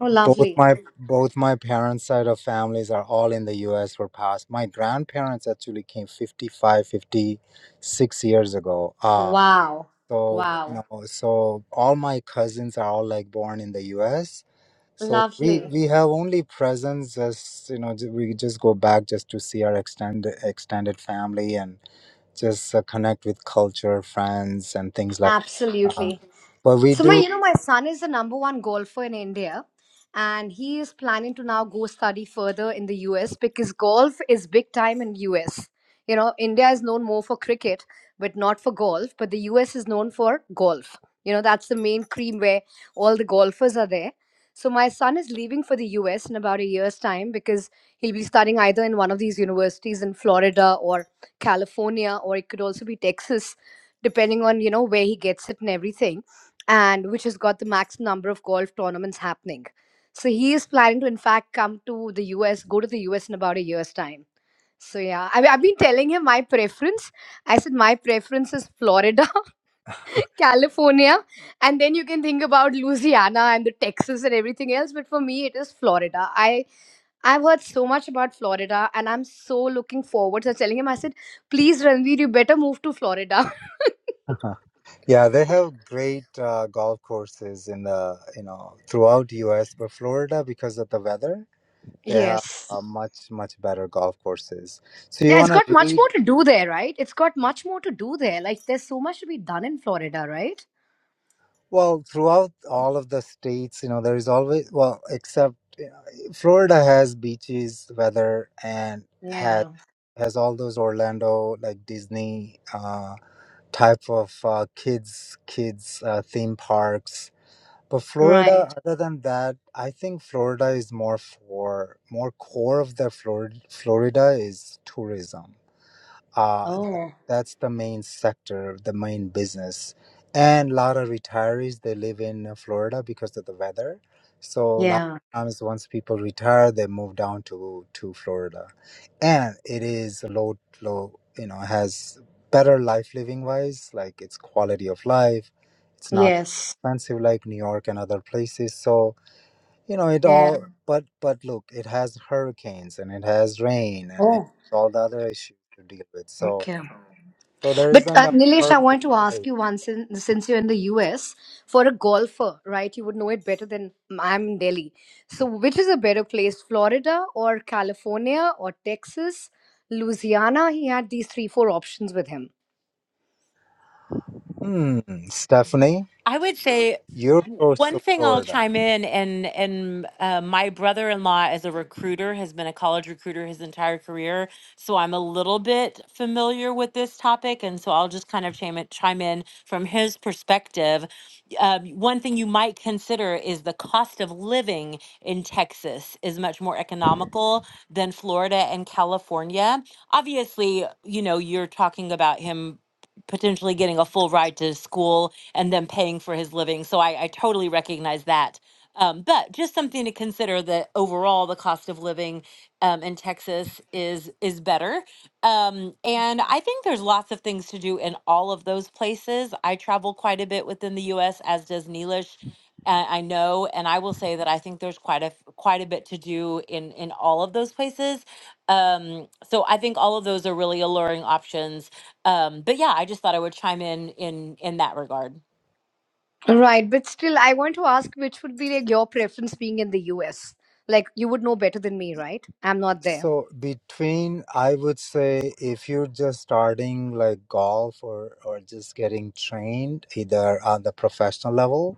Oh
Both
lovely.
my both my parents' side of families are all in the U.S. were past. My grandparents actually came fifty five fifty six years ago. Uh,
Wow.
so you
Wow.
know, so all my cousins are all like born in the U.S so we
Lovely.
we have only presents as you know ju- we just go back just to see our extended extended family and just uh, connect with culture, friends, and things like that. Uh,
Absolutely.
but we
So my,
do
you know, my son is the number one golfer in India, and he is planning to now go study further in the US because golf is big time in US. You know, India is known more for cricket, but not for golf. But the US is known for golf. You know, that's the main cream where all the golfers are there. So my son is leaving for the US in about a year's time because he'll be studying either in one of these universities in Florida or California, or it could also be Texas, depending on you know where he gets it and everything and which has got the max number of golf tournaments happening. So he is planning to, in fact, come to the US, go to the US in about a year's time. So yeah, I mean, I've been telling him my preference. I said my preference is Florida,
*laughs*
*laughs* California, and then you can think about Louisiana and the Texas and everything else. But for me, it is Florida. I I've heard so much about Florida, and I'm so looking forward. So I was telling him, I said, please, Ranveer, you better move to Florida.
Uh-huh. Yeah, they have great uh, golf courses in the you know throughout U.S., but Florida because of the weather.
*laughs*
They have
yes.
uh, much, much better golf courses. So you
Yeah, it's
want to
got much
read,
more to do there, right? It's got much more to do there. Like, there's so much to be done in Florida, right?
well, throughout all of the states, you know, there is always, well, except you know, Florida has beaches, weather, and has
Yeah,
has all those Orlando, like Disney uh, type of uh, kids, kids uh, theme parks. But
right.
Florida, other than that, I think Florida is more for more core of the Florida. Florida is tourism uh, that-
Oh,
that's the main sector, the main business. And a lot of retirees, they live in uh, Florida because of the weather. So a lot
yeah,
of times once people retire, they move down to, to Florida. And it is low, low, you know, has better life living wise, like it's quality of life. It's not
yes,
expensive like New York and other places. So, you know, it
yeah.
all, Mhm. but, but look, it has hurricanes and it has rain and it
Oh,
all the other issues to deal with. So,
okay.
so there
But
isn't
uh,
a
Nilesh, I want
perfect
to ask
place.
you once, in, since you're in the US, for a golfer, right? You would know it better than I'm in Delhi. So, which is a better place, Florida or California or Texas? Louisiana, he had these three, four options with him.
Hmm, Stephanie,
I would say
you're
w-
close
one
to
thing I'll
Florida.
chime in and and uh, my brother-in-law as a recruiter has been a college recruiter his entire career, so I'm a little bit familiar with this topic, and so I'll just kind of chime it, chime in from his perspective. Um, one thing you might consider is the cost of living in Texas is much more economical than Florida and California. Obviously, you know, you're talking about him potentially getting a full ride to school and them paying for his living. So I, I totally recognize that. Um, but just something to consider that overall the cost of living um, in Texas is is better, um, and I think there's lots of things to do in all of those places. I travel quite a bit within the U.S. as does Neelish. Uh, I know, and I will say that I think there's quite a f- quite a bit to do in in all of those places. Um, so I think all of those are really alluring options. Um, but yeah, I just thought I would chime in in in that regard.
Right, but still, I want to ask which would be like your preference being in the US? Like, you would know better than me, right? I'm not there.
So between, I would say, if you're just starting like golf or or just getting trained, either on the professional level,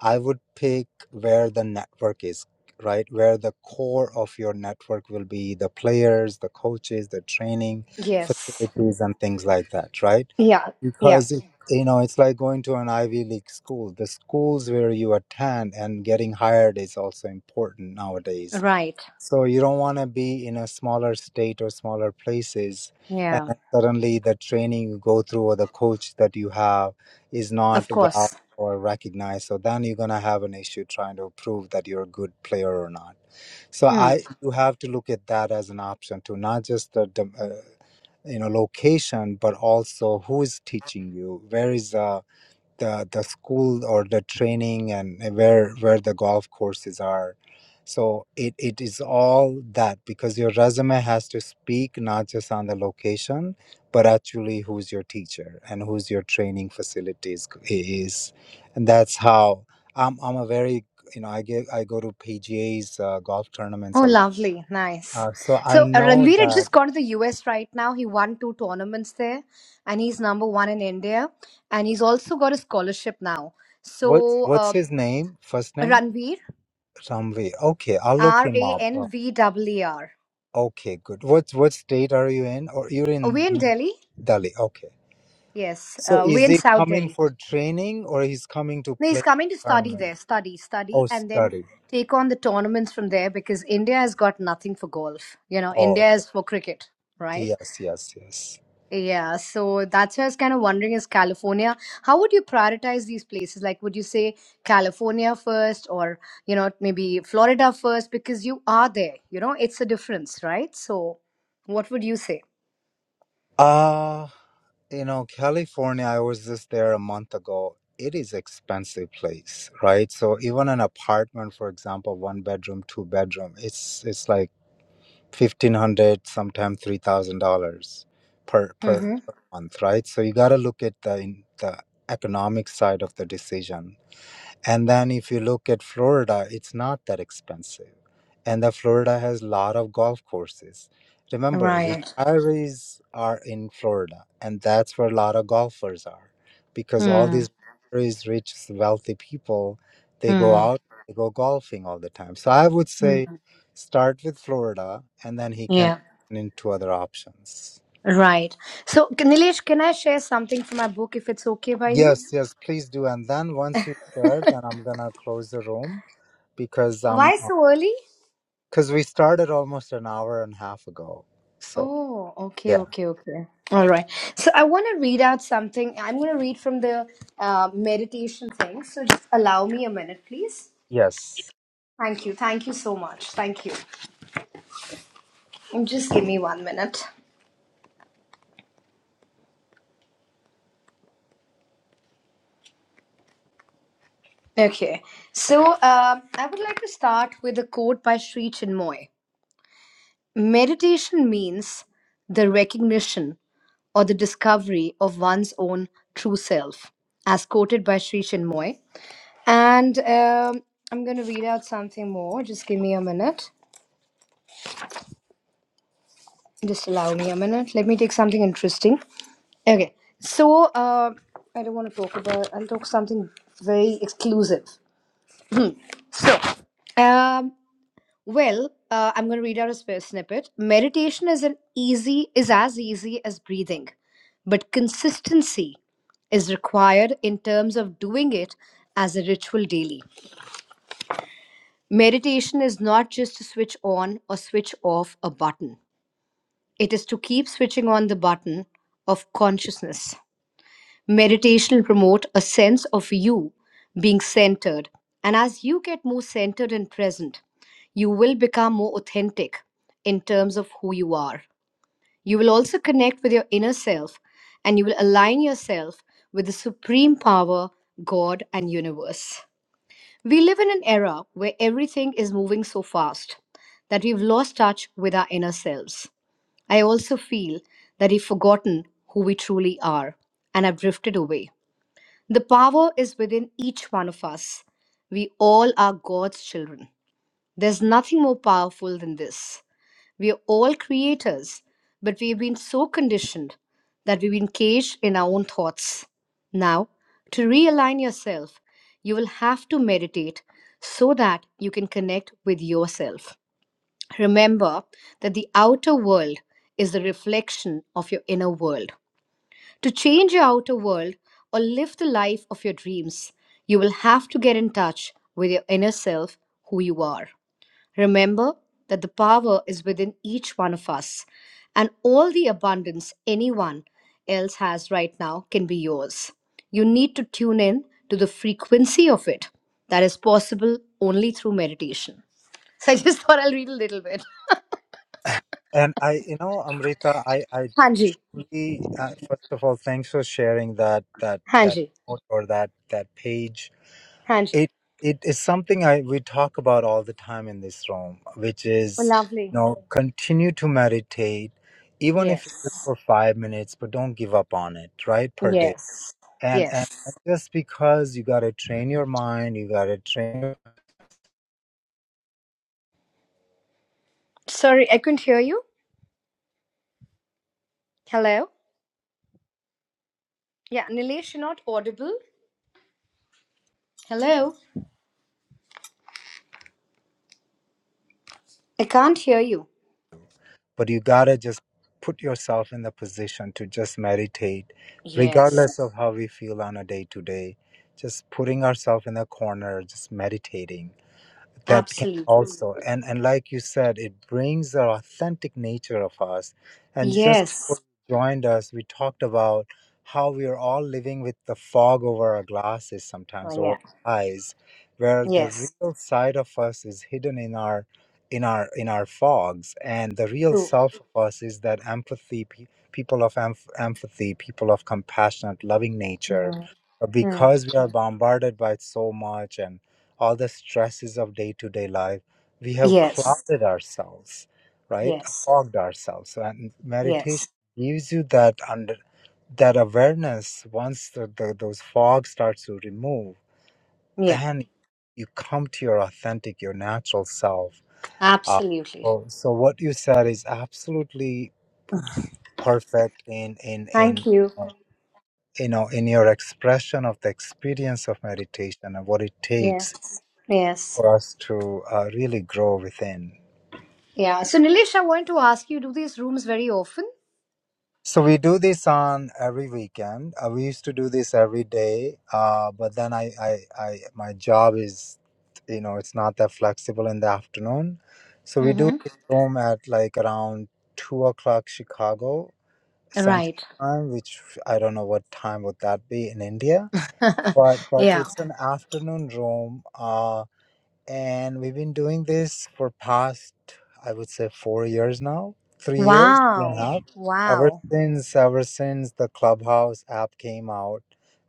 I would pick where the network is, right? Where the core of your network will be the players, the coaches, the training
Yes.
facilities, and things like that, right?
Yeah. Yeah.
Because it, you know, it's like going to an Ivy League school. The schools where you attend and getting hired is also important nowadays
Right.
so you don't want to be in a smaller state or smaller places, and
Yeah.
then suddenly the training you go through or the coach that you have is not
Of
valid
course.
or recognized. So then you're gonna have an issue trying to prove that you're a good player or not. So
Hmm.
I you have to look at that as an option too, not just the, the uh, you know location, but also who is teaching you, where is uh the the school or the training and uh, where where the golf courses are so it, it is all that because your resume has to speak not just on the location but actually who's your teacher and who's your training facilities is and that's how i'm, I'm a very you know i get i go to pga's uh, golf
Oh,
tournaments a lot
lovely. Nice.
uh, so i
So, uh,
know
Ranveer had
that
just gone to the US right now. He won two tournaments there, and he's number one in India. And he's also got a scholarship now.
what's
So,
what's
uh,
his name first name
Ranveer,
Ramvi. okay i'll look
R
him
A
up uh,
N V E E R.
Okay, good. What what state are you in? Or you're
Are
in
we in
Mm.
Delhi?
Delhi. Okay.
Yes.
So
Uh, we
is
in
he
South Delhi.
coming for training or he's coming to
No, he's
play
coming to study
tournament?
there, study, study,
Oh,
and then
study.
take on the tournaments from there because India has got nothing for golf. You know,
Oh,
India
okay.
is for cricket, right?
yes, yes, yes.
Yeah, so that's why I was kind of wondering is California, how would you prioritize these places? Like, would you say California first or, you know, maybe Florida first because you are there, you know, it's a difference, right? So, what would you say?
Uh, you know, California, I was just there a month ago. It is expensive place, right? So even an apartment, for example, one bedroom, two bedroom, it's it's like fifteen hundred, sometimes three thousand dollars per per
Mm-hmm.
per month, right? So you got to look at the in the economic side of the decision and then if you look at Florida, it's not that expensive. And the Florida has a lot of golf courses. Remember,
Right.
retirees are in Florida, and that's where a lot of golfers are because all
Mm,
these retirees rich, wealthy people, they go
mm,
out, they go golfing all the time. So I would
mm.
say start with Florida, and then he can
Yeah.
turn into other options.
Right. So, K- Nilesh, can I share something from my book if it's okay by you?
Yes, yes, please do. And then once you share,
*laughs*
then I'm gonna close the room because I'm
Why so early?
Because we started almost an hour and a half ago. So,
Oh, okay,
yeah.
okay, okay. All right. So I want to read out something. I'm going to read from the uh, meditation thing. So just allow me a minute, please.
Yes.
Thank you. Thank you so much. Thank you. And Just give me one minute. Okay. So um I would like to start with a quote by Sri Chinmoy Meditation means the recognition or the discovery of one's own true self, as quoted by Sri Chinmoy. And um, I'm going to read out something more. Just give me a minute. Just allow me a minute. Let me take something interesting. Okay. So uh, I don't want to talk about, I'll talk something very exclusive. So, um, Well, uh, I'm going to read out a sp- snippet. Meditation is an easy is as easy as breathing, but consistency is required in terms of doing it as a ritual daily. Meditation is not just to switch on or switch off a button. It is to keep switching on the button of consciousness Meditation will promote a sense of you being centered. And as you get more centered and present, you will become more authentic in terms of who you are. You will also connect with your inner self and you will align yourself with the supreme power, God, and universe. We live in an era where everything is moving so fast that we've lost touch with our inner selves. I also feel that we've forgotten who we truly are and have drifted away. The power is within each one of us. We all are God's children. There's nothing more powerful than this. We are all creators, but we've been so conditioned that we've been caged in our own thoughts. Now, to realign yourself, you will have to meditate so that you can connect with yourself. Remember that the outer world is the reflection of your inner world. To change your outer world or live the life of your dreams, you will have to get in touch with your inner self, who you are. Remember that the power is within each one of us, and all the abundance anyone else has right now can be yours. You need to tune in to the frequency of it. That is possible only through meditation. *laughs* So I just *laughs* thought I'll read a little bit.
And I, you know, Amrita, I, I
Hanji,
truly, uh, first of all, thanks for sharing that, that, that
Hanji,
note or that, that page.
Hanji.
It, it is something I, we talk about all the time in this room, which
Oh,
is,
lovely.
you know, continue to meditate, even if it's just
Yes.
for five minutes, but don't give up on it, right? Per day.
Yes.
And, and
Yes.
just because you got to train your mind, you got to train
Sorry, I couldn't hear you. Hello? Yeah, Nilesh, you're not audible. Hello? I can't hear you.
but you gotta just put yourself in the position to just meditate
Yes.
regardless of how we feel on a day to day just putting ourselves in a corner just meditating that can
Absolutely.
also and and like you said it brings the authentic nature of us and just
Yes.
before you joined us we talked about how we are all living with the fog over our glasses sometimes
Oh, yeah.
or eyes where the
Yes.
real side of us is hidden in our in our in our fogs and the real
True.
self of us is that empathy pe- people of emph- empathy people of compassionate loving nature
Mhm.
but because we are bombarded by so much and all the stresses of day to day life, we have
Yes.
clouded ourselves, right?
Yes.
Fogged ourselves. So, And
Yes.
meditation gives you that under that awareness. Once the, the, those fog starts to remove,
Yeah.
then you come to your authentic, your natural self. Uh,
Absolutely.
so, so what you said is absolutely perfect in in
Thank
in
you.
uh, you know in your expression of the experience of meditation and what it takes
Yes. Yes.
for us to uh, really grow within.
Yeah. So, Nilesh, I wanted to ask you do these rooms very often?
So we do this on every weekend. Uh, we used to do this every day, uh, but then I, I, I, my job is, you know, it's not that flexible in the afternoon. So we do
Mm-hmm.
this room at like around two o'clock Chicago Central
Right.
Time, which I don't know what time would that be in India.
*laughs*
But but
yeah.
it's an afternoon room. Uh, and we've been doing this for past i would say four years now three years three and a
Wow.
half ever
Wow.
since ever since the clubhouse app came out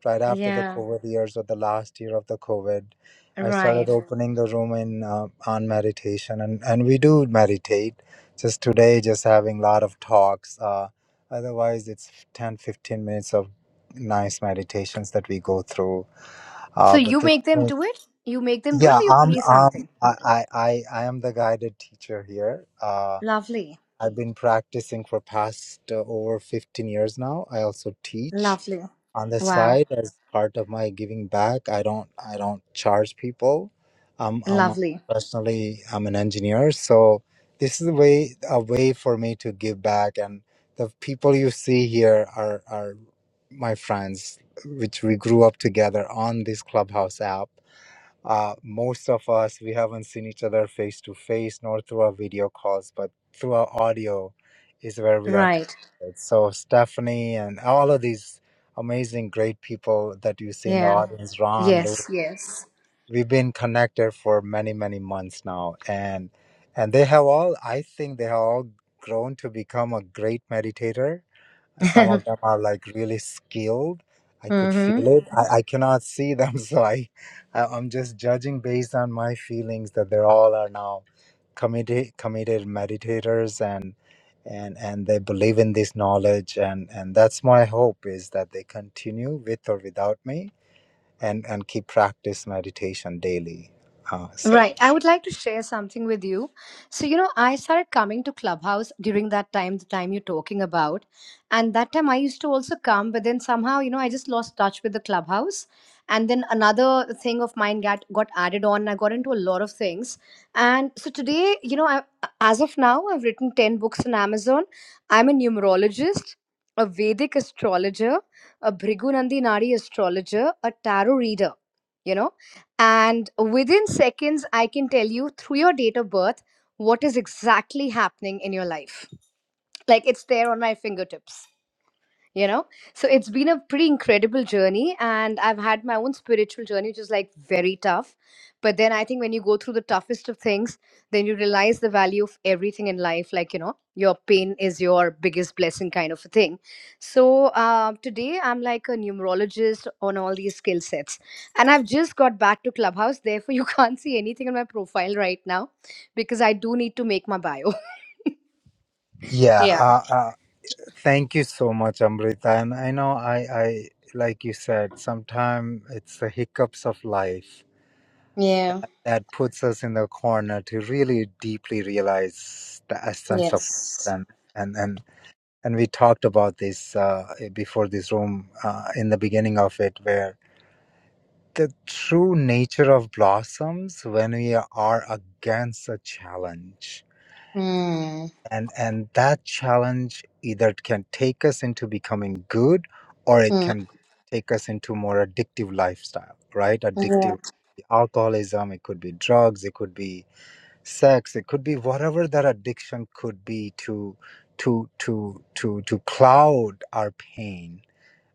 right after the
Yeah.
covid years or the last year of the covid i started
Right.
Mhm. opening the room in uh, on meditation and and we do meditate just today just having a lot of talks uh, otherwise it's 10, 15 minutes of nice meditations that we go through
So
uh, but
you
the
make them do it? You make them do it
yeah,
or you
um,
play
um,
something?
I, I, I I am the guided teacher here. Uh,
Lovely.
I've been practicing for past uh, over 15 years now. I also teach
Lovely.
on the
Wow.
side as part of my giving back. I don't, I don't charge people. I'm. I'm a-
Lovely.
personally, I'm an engineer, so this is a way, a way for me to give back. And the people you see here are, are my friends, which we grew up together on this Clubhouse app uh, most of us, we haven't seen each other face to face nor through our video calls, but through our audio is where we are
Right.
connected. So, Stephanie and all of these amazing, great people that you see in the
Yeah.
audience, Ron, Lou,
Yes. Yes.
we've been connected for many, many months now. And and they have all, I think they have all grown to become a great meditator
*laughs*
some of them are like really skilled. I could
mm-hmm.
feel it. I, I cannot see them, *laughs* so I, I I'm just judging based on my feelings that they all are now committed committed meditators and and and they believe in this knowledge and and that's my hope is that they continue with or without me and and keep practice meditation daily. Uh, so
Right. I would like to share something with you. So, you know, I started coming to Clubhouse during that time, the time you're talking about. And that time I used to also come, but then somehow, you know, I just lost touch with the Clubhouse. And then another thing of mine got, got added on. I got into a lot of things. And so today, you know, I, as of now, I've written 10 books on Amazon. I'm a numerologist, a Vedic astrologer, a Bhrigunandi Nadi astrologer, a tarot reader, you know and within seconds, I can tell you through your date of birth what is exactly happening in your life. Like it's there on my fingertips you know so it's been a pretty incredible journey and i've had my own spiritual journey which is like very tough but then i think when you go through the toughest of things then you realize the value of everything in life like you know your pain is your biggest blessing kind of a thing so uh, today i'm like a numerologist on all these skill sets and i've just got back to clubhouse therefore you *laughs* can't see anything on my profile right now because i do need to make my bio *laughs*
yeah,
yeah
uh, uh, Thank you so much, Amrita. And I know I, I like you said, sometimes it's the hiccups of life
yeah
that puts us in the corner to really deeply realize the essence of life.
yes
And and and, and we talked about this uh, before this room uh, in the beginning of it, where the true nature of blossoms when we are against a challenge
Hmm.
and and that challenge either can take us into becoming good or it
Hmm.
can take us into more addictive lifestyle right addictive alcoholism it could be drugs it could be sex it could be whatever that addiction could be to to to to to cloud our pain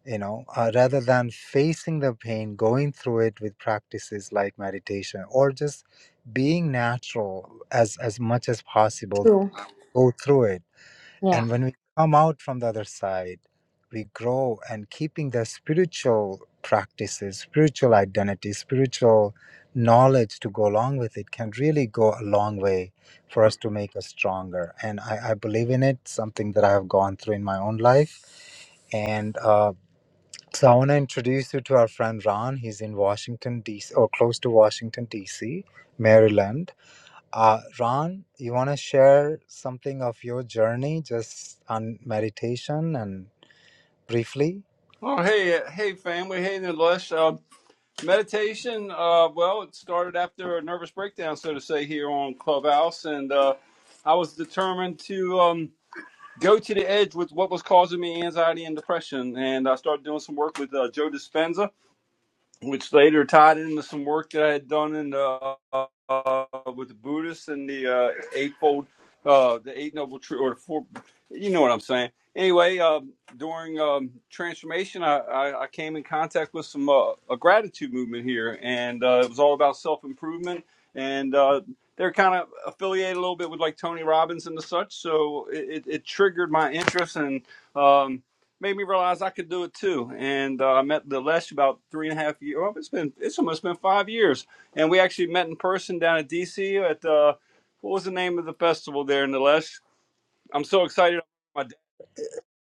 you know uh, rather than facing the pain going through it with practices like meditation or just being natural as as much as possible
True.
go through it
Yeah.
and when we come out from the other side, we grow and keeping the spiritual practices, spiritual identity, spiritual knowledge to go along with it can really go a long way for us to make us stronger. And I, I believe in it, something that I have gone through in my own life. And uh, so I want to introduce you to our friend Ron. He's in Washington, D.C., or close to Washington, D.C., Maryland uh, Ron, you want to share something of your journey just on meditation and briefly?
Oh, hey, uh, hey, family. Hey, Nilesh. Uh, meditation, uh, well, it started after a nervous breakdown, so to say, here on Clubhouse. And uh, I was determined to um, go to the edge with what was causing me anxiety and depression. And I started doing some work with uh, Joe Dispenza which later tied into some work that I had done in the, uh, uh, with the Buddhists and the uh, eightfold, uh, the eight noble truth, or the four. You know what I'm saying. Anyway, um, during um, transformation, I, I, I came in contact with some uh, a gratitude movement here, and uh, it was all about self improvement, and uh, they're kind of affiliated a little bit with like Tony Robbins and the such. So it, it, it triggered my interest and. Um, made me realize I could do it too. And uh, I met Dilesh about three and a half years. Well, it's been it's almost been five years, and we actually met in person down at DC at uh, what was the name of the festival there in Dilesh? I'm so excited. My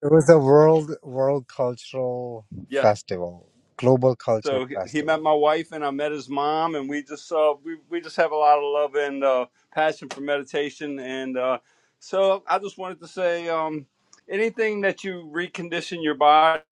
It was a world world cultural
dad.
festival, global cultural
So he he met
festival.
my wife and I met his mom and we just uh we, we just have a lot of love and uh, passion for meditation and uh, so I just wanted to say um, anything that you recondition your body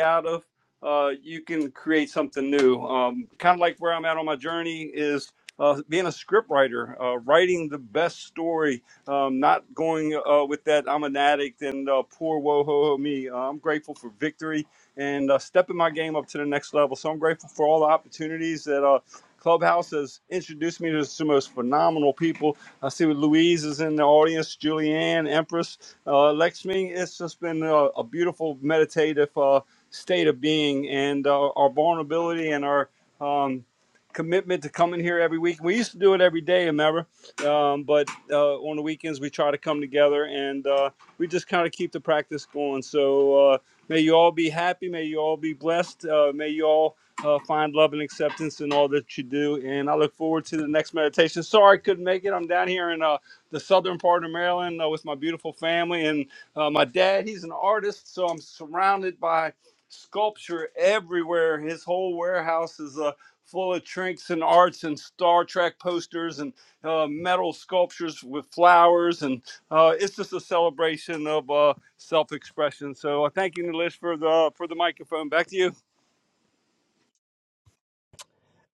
out of uh, you can create something new. Um, kind of like where I'm at on my journey is uh, being a script writer, uh, writing the best story, um, not going uh, with that I'm an addict and uh, poor woe ho ho me. Uh, I'm grateful for victory and uh, stepping my game up to the next level. So I'm grateful for all the opportunities that uh, Clubhouse has introduced me to some of those phenomenal people. I see with Louise is in the audience, Julianne, Empress, uh, Lexmi. It's just been a, a beautiful meditative uh, state of being, and uh, our vulnerability and our um, commitment to coming here every week. We used to do it every day, remember? Um, but uh, on the weekends, we try to come together and uh, we just kind of keep the practice going. So, uh, May you all be happy. May you all be blessed. Uh, may you all uh, find love and acceptance in all that you do. And I look forward to the next meditation. Sorry I couldn't make it. I'm down here in uh, the southern part of Maryland uh, with my beautiful family and uh, my dad. He's an artist, so I'm surrounded by sculpture everywhere. His whole warehouse is uh, full of trinks and arts and Star Trek posters and uh, metal sculptures with flowers. And uh, it's just a celebration of uh, self expression. So uh, thank you, Nilesh, for the, for the microphone. Back to you.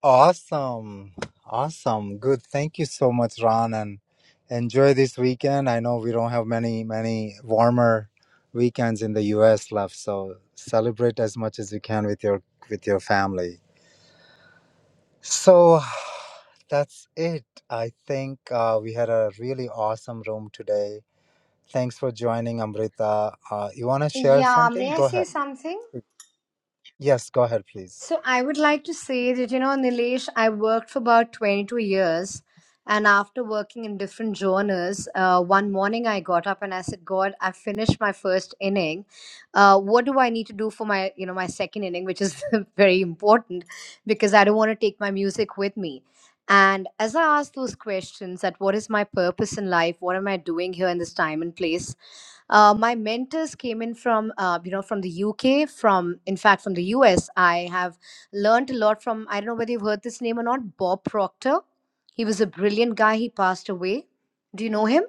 Awesome, awesome, good. Thank you so much, Ron, and enjoy this weekend. I know we don't have many many warmer weekends in the U.S. left, so celebrate as much as you can with your with your family. So *sighs* that's it. I think uh, we had a really awesome room today. Thanks for joining, Amrita. Uh, you want to share
Yeah, may
something?
I
Go
say
ahead.
something?
Yes, go ahead, please.
So I would like to say that, you know, Nilesh, I worked for about 22 years. And after working in different genres, uh, one morning I got up and I said, God, I finished my first inning. Uh, what do I need to do for my, you know, my second inning, which is *laughs* very important because I don't want to take my music with me. And as I asked those questions that what is my purpose in life? What am I doing here in this time and place? Uh, my mentors came in from uh, you know from the UK, from in fact from the US. I have learned a lot from. I don't know whether you've heard this name or not. Bob Proctor. He was a brilliant guy. He passed away. Do you know him?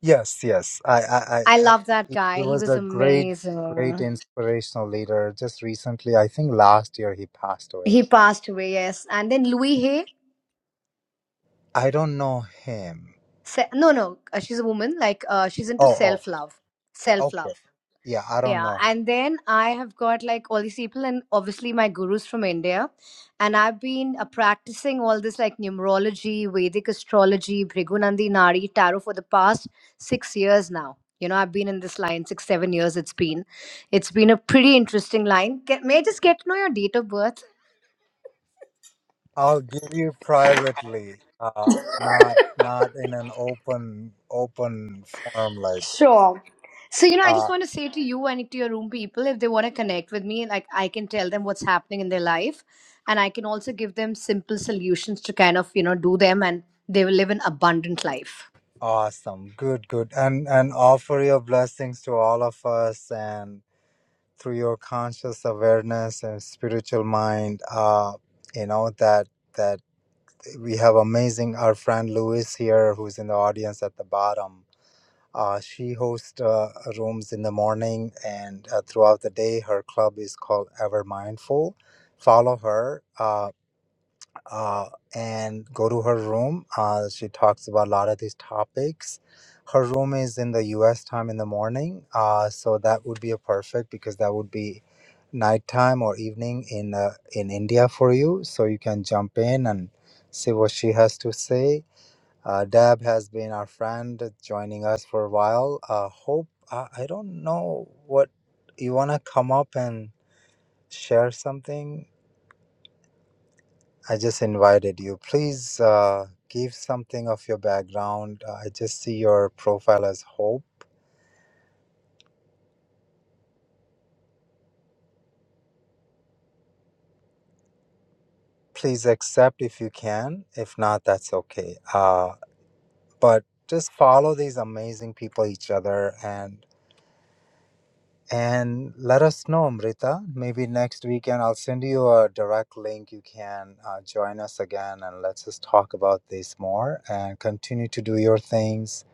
Yes, yes. I, I, I,
I
I
love that
he he
guy. He
was
was
a great, great
amazing.
inspirational leader. Just recently, I think last year he passed away.
He passed away. Yes, and then Louis Hay.
I don't know him.
Se- no, no, uh, she's a woman. Like uh, she's into
Oh,
self love.
oh,
Self love.
okay. Yeah, I don't
Yeah,
know
and then I have got like all these people, and obviously my gurus from India, and I've been uh, practicing all this like numerology, Vedic astrology, Bhrigunandi Nadi tarot for the past six years now. You know, I've been in this line six, seven years. It's been, it's been a pretty interesting line. Get, may I just get to know your date of birth?
I'll give you privately, uh, not not in an open open forum like. that.
So, you know, I just
Uh,
want to say to you and to your room people, if they want to connect with me, like I can tell them what's happening in their life. And I can also give them simple solutions to kind of, you know, do them and they will live an abundant life.
awesome, good, good, and and offer your blessings to all of us, and through your conscious awareness and spiritual mind, uh, you know that that we have amazing our friend Louis here, who's in the audience at the bottom Uh, she hosts uh, rooms in the morning and uh, throughout the day. Her club is called Ever Mindful. Follow her uh, uh, and go to her room. Uh, she talks about a lot of these topics. Her room is in the U.S. time in the morning, uh, so that would be a perfect because that would be nighttime or evening in uh, in India for you. So you can jump in and see what she has to say uh, Deb has been our friend, joining us for a while. Uh, Hope, uh, I don't know what you want to come up and share something. I just invited you. Please uh, give something of your background. Uh, I just see your profile as Hope. Please accept if you can. If not, that's okay. Uh, but just follow these amazing people, each other, and And let us know, Amrita. Maybe next weekend I'll send you a direct link. You can uh, join us again and let's just talk about this more and continue to do your things.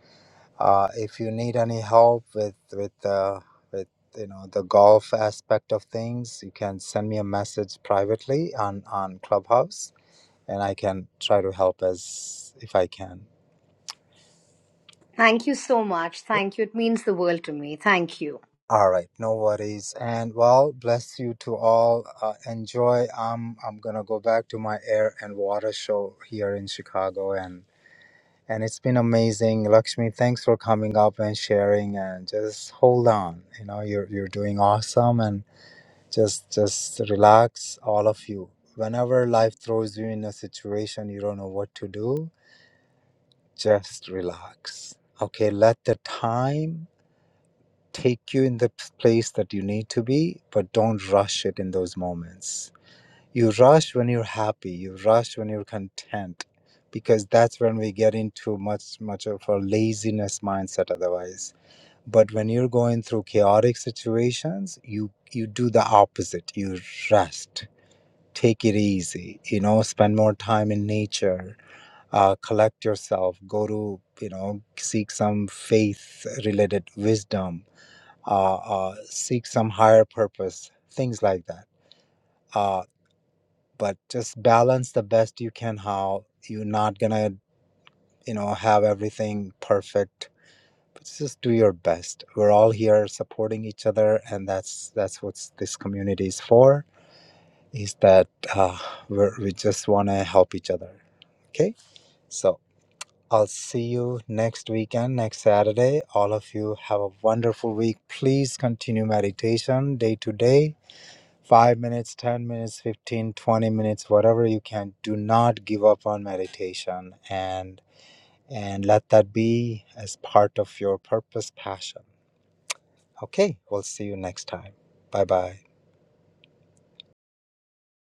Uh, if you need any help with with uh, with you know the golf aspect of things, you can send me a message privately on on Clubhouse, and I can try to help as if I can.
Thank you so much. Thank you. It means the world to me. Thank you.
All right, no worries. And well, bless you to all. Uh, enjoy. Um, I'm gonna go back to my air and water show here in Chicago, and and it's been amazing. Lakshmi, thanks for coming up and sharing. And just hold on. You know, you're you're doing awesome, and just just relax, all of you. Whenever life throws you in a situation you don't know what to do, just relax. Okay, let the time take you in the p- place that you need to be, but don't rush it in those moments. You rush when you're happy, you rush when you're content, because that's when we get into much, much of a laziness mindset otherwise. But when you're going through chaotic situations, you, you do the opposite. You rest, take it easy, you know, spend more time in nature, uh, collect yourself, go to, you know, seek some faith related wisdom uh, uh, seek some higher purpose, things like that. Uh, but just balance the best you can. How you're not gonna, you know, have everything perfect. But just do your best. We're all here supporting each other, and that's that's what this community is for. Is that uh, we're, we just want to help each other. Okay, so. I'll see you next weekend, next Saturday. All of you have a wonderful week. Please continue meditation day to day 5 minutes, 10 minutes, fifteen, twenty minutes, whatever you can. Do not give up on meditation and and let that be as part of your purpose passion. Okay, we'll see you next time. Bye-bye.